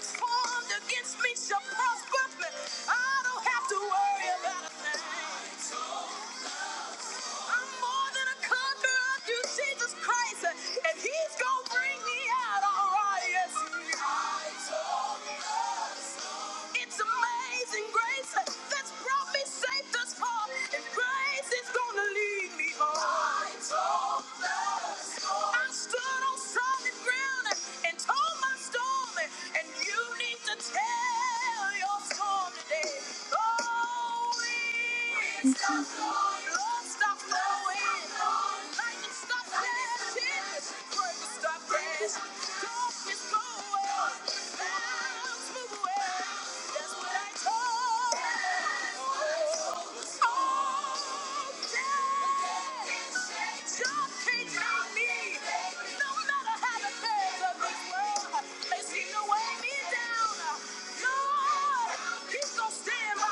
S2: formed against me shall prosper. I don't have to worry about a thing. I'm more than a conqueror through Jesus Christ, and He's gonna bring me out all right. Yes, He is. It's amazing grace that's brought me safe thus far, and grace is gonna lead me on. I told the storm. I stood on solid ground and told my storm, and you need to tell your storm today. Oh, winds stop blowing, Lord, stop blowing, lightning stop flashing, Grace, stop Stand by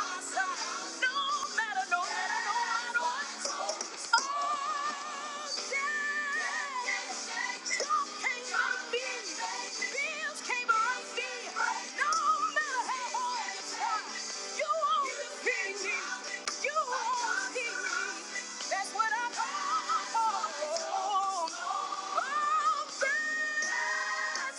S2: no matter, no matter, no matter what. Oh, yeah. That's what I call. Oh, that's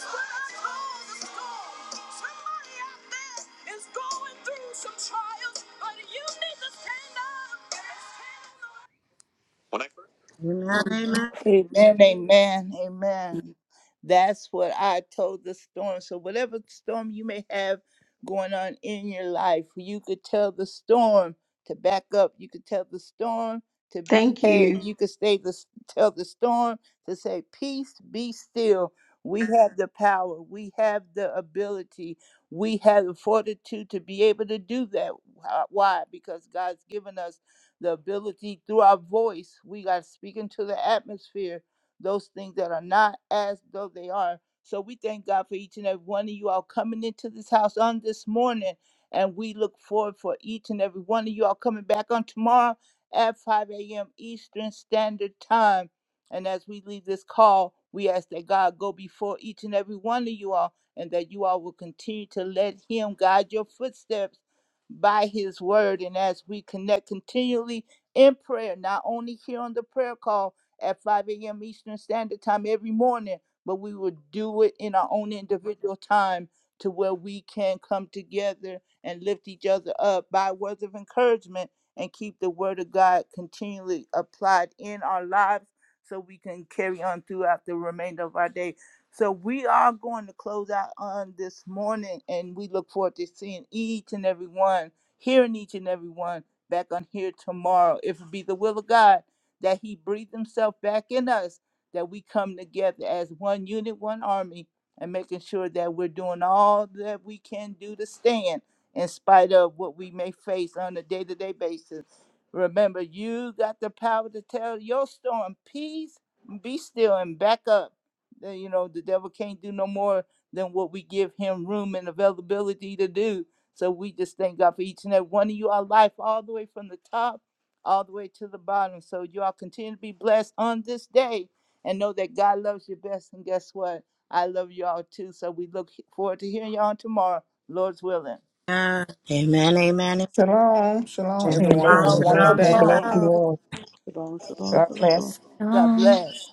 S2: what I call the storm. Somebody out there is going through some trials, but you need to stand up. Yes, Stand on
S5: Amen. Amen.
S2: Amen, amen,
S4: room.
S2: amen. That's what I told the storm. So, whatever storm you may have going on in your life, you could tell the storm to back up. You could tell the storm to be
S1: Thank
S2: head.
S1: you.
S2: You could stay the, tell the storm to say, Peace, be still. We have the power, we have the ability, we have the fortitude to be able to do that. Why? Because God's given us the ability through our voice, we got to speak into the atmosphere those things that are not as though they are. So we thank God for each and every one of you all coming into this house on this morning. And we look forward for each and every one of you all coming back on tomorrow at 5 a.m. Eastern Standard Time. And as we leave this call, we ask that God go before each and every one of you all and that you all will continue to let Him guide your footsteps by his word. And as we connect continually in prayer, not only here on the prayer call at 5 a.m. Eastern Standard Time every morning, but we will do it in our own individual time to where we can come together and lift each other up by words of encouragement and keep the word of God continually applied in our lives so we can carry on throughout the remainder of our day. So we are going to close out on this morning, and we look forward to seeing each and every one, hearing each and every one back on here tomorrow. If it be the will of God that He breathe Himself back in us, that we come together as one unit, one army, and making sure that we're doing all that we can do to stand in spite of what we may face on a day to day basis. Remember, you got the power to tell your storm, peace, be still, and back up then, You know, the devil can't do no more than what we give him room and availability to do. So we just thank God for each and every one of you, our life, all the way from the top, all the way to the bottom. So you all continue to be blessed on this day and know that God loves you best. And guess what? I love you all too. So we look forward to hearing y'all tomorrow, Lord's willing.
S5: Amen, amen. amen.
S6: Shalom. Shalom, everyone.
S5: Shalom,
S6: Have a
S2: Shalom,
S3: Amen. Amen.
S6: wonderful
S2: shalom,
S5: shalom,
S3: God
S6: day.
S3: bless
S4: Amen.
S5: shalom.
S2: shalom.
S3: you
S9: Have a good
S3: all.
S4: Shalom, shalom,
S6: God bless.
S2: God
S10: Shalom.
S2: bless.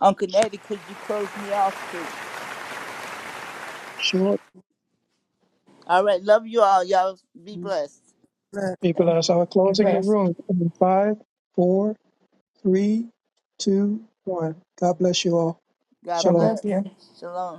S2: Uncle Nettie, could you close me off, please?
S3: Sure.
S2: All right. Love you all. Y'all be
S4: shalom.
S2: blessed.
S3: People, as I'm
S6: Be
S3: closing the
S6: blessed.
S3: room in five, four, Three, two, one. God bless you all.
S2: God
S6: God
S3: Shalom.
S6: bless
S2: bless.
S6: you.
S2: Shalom.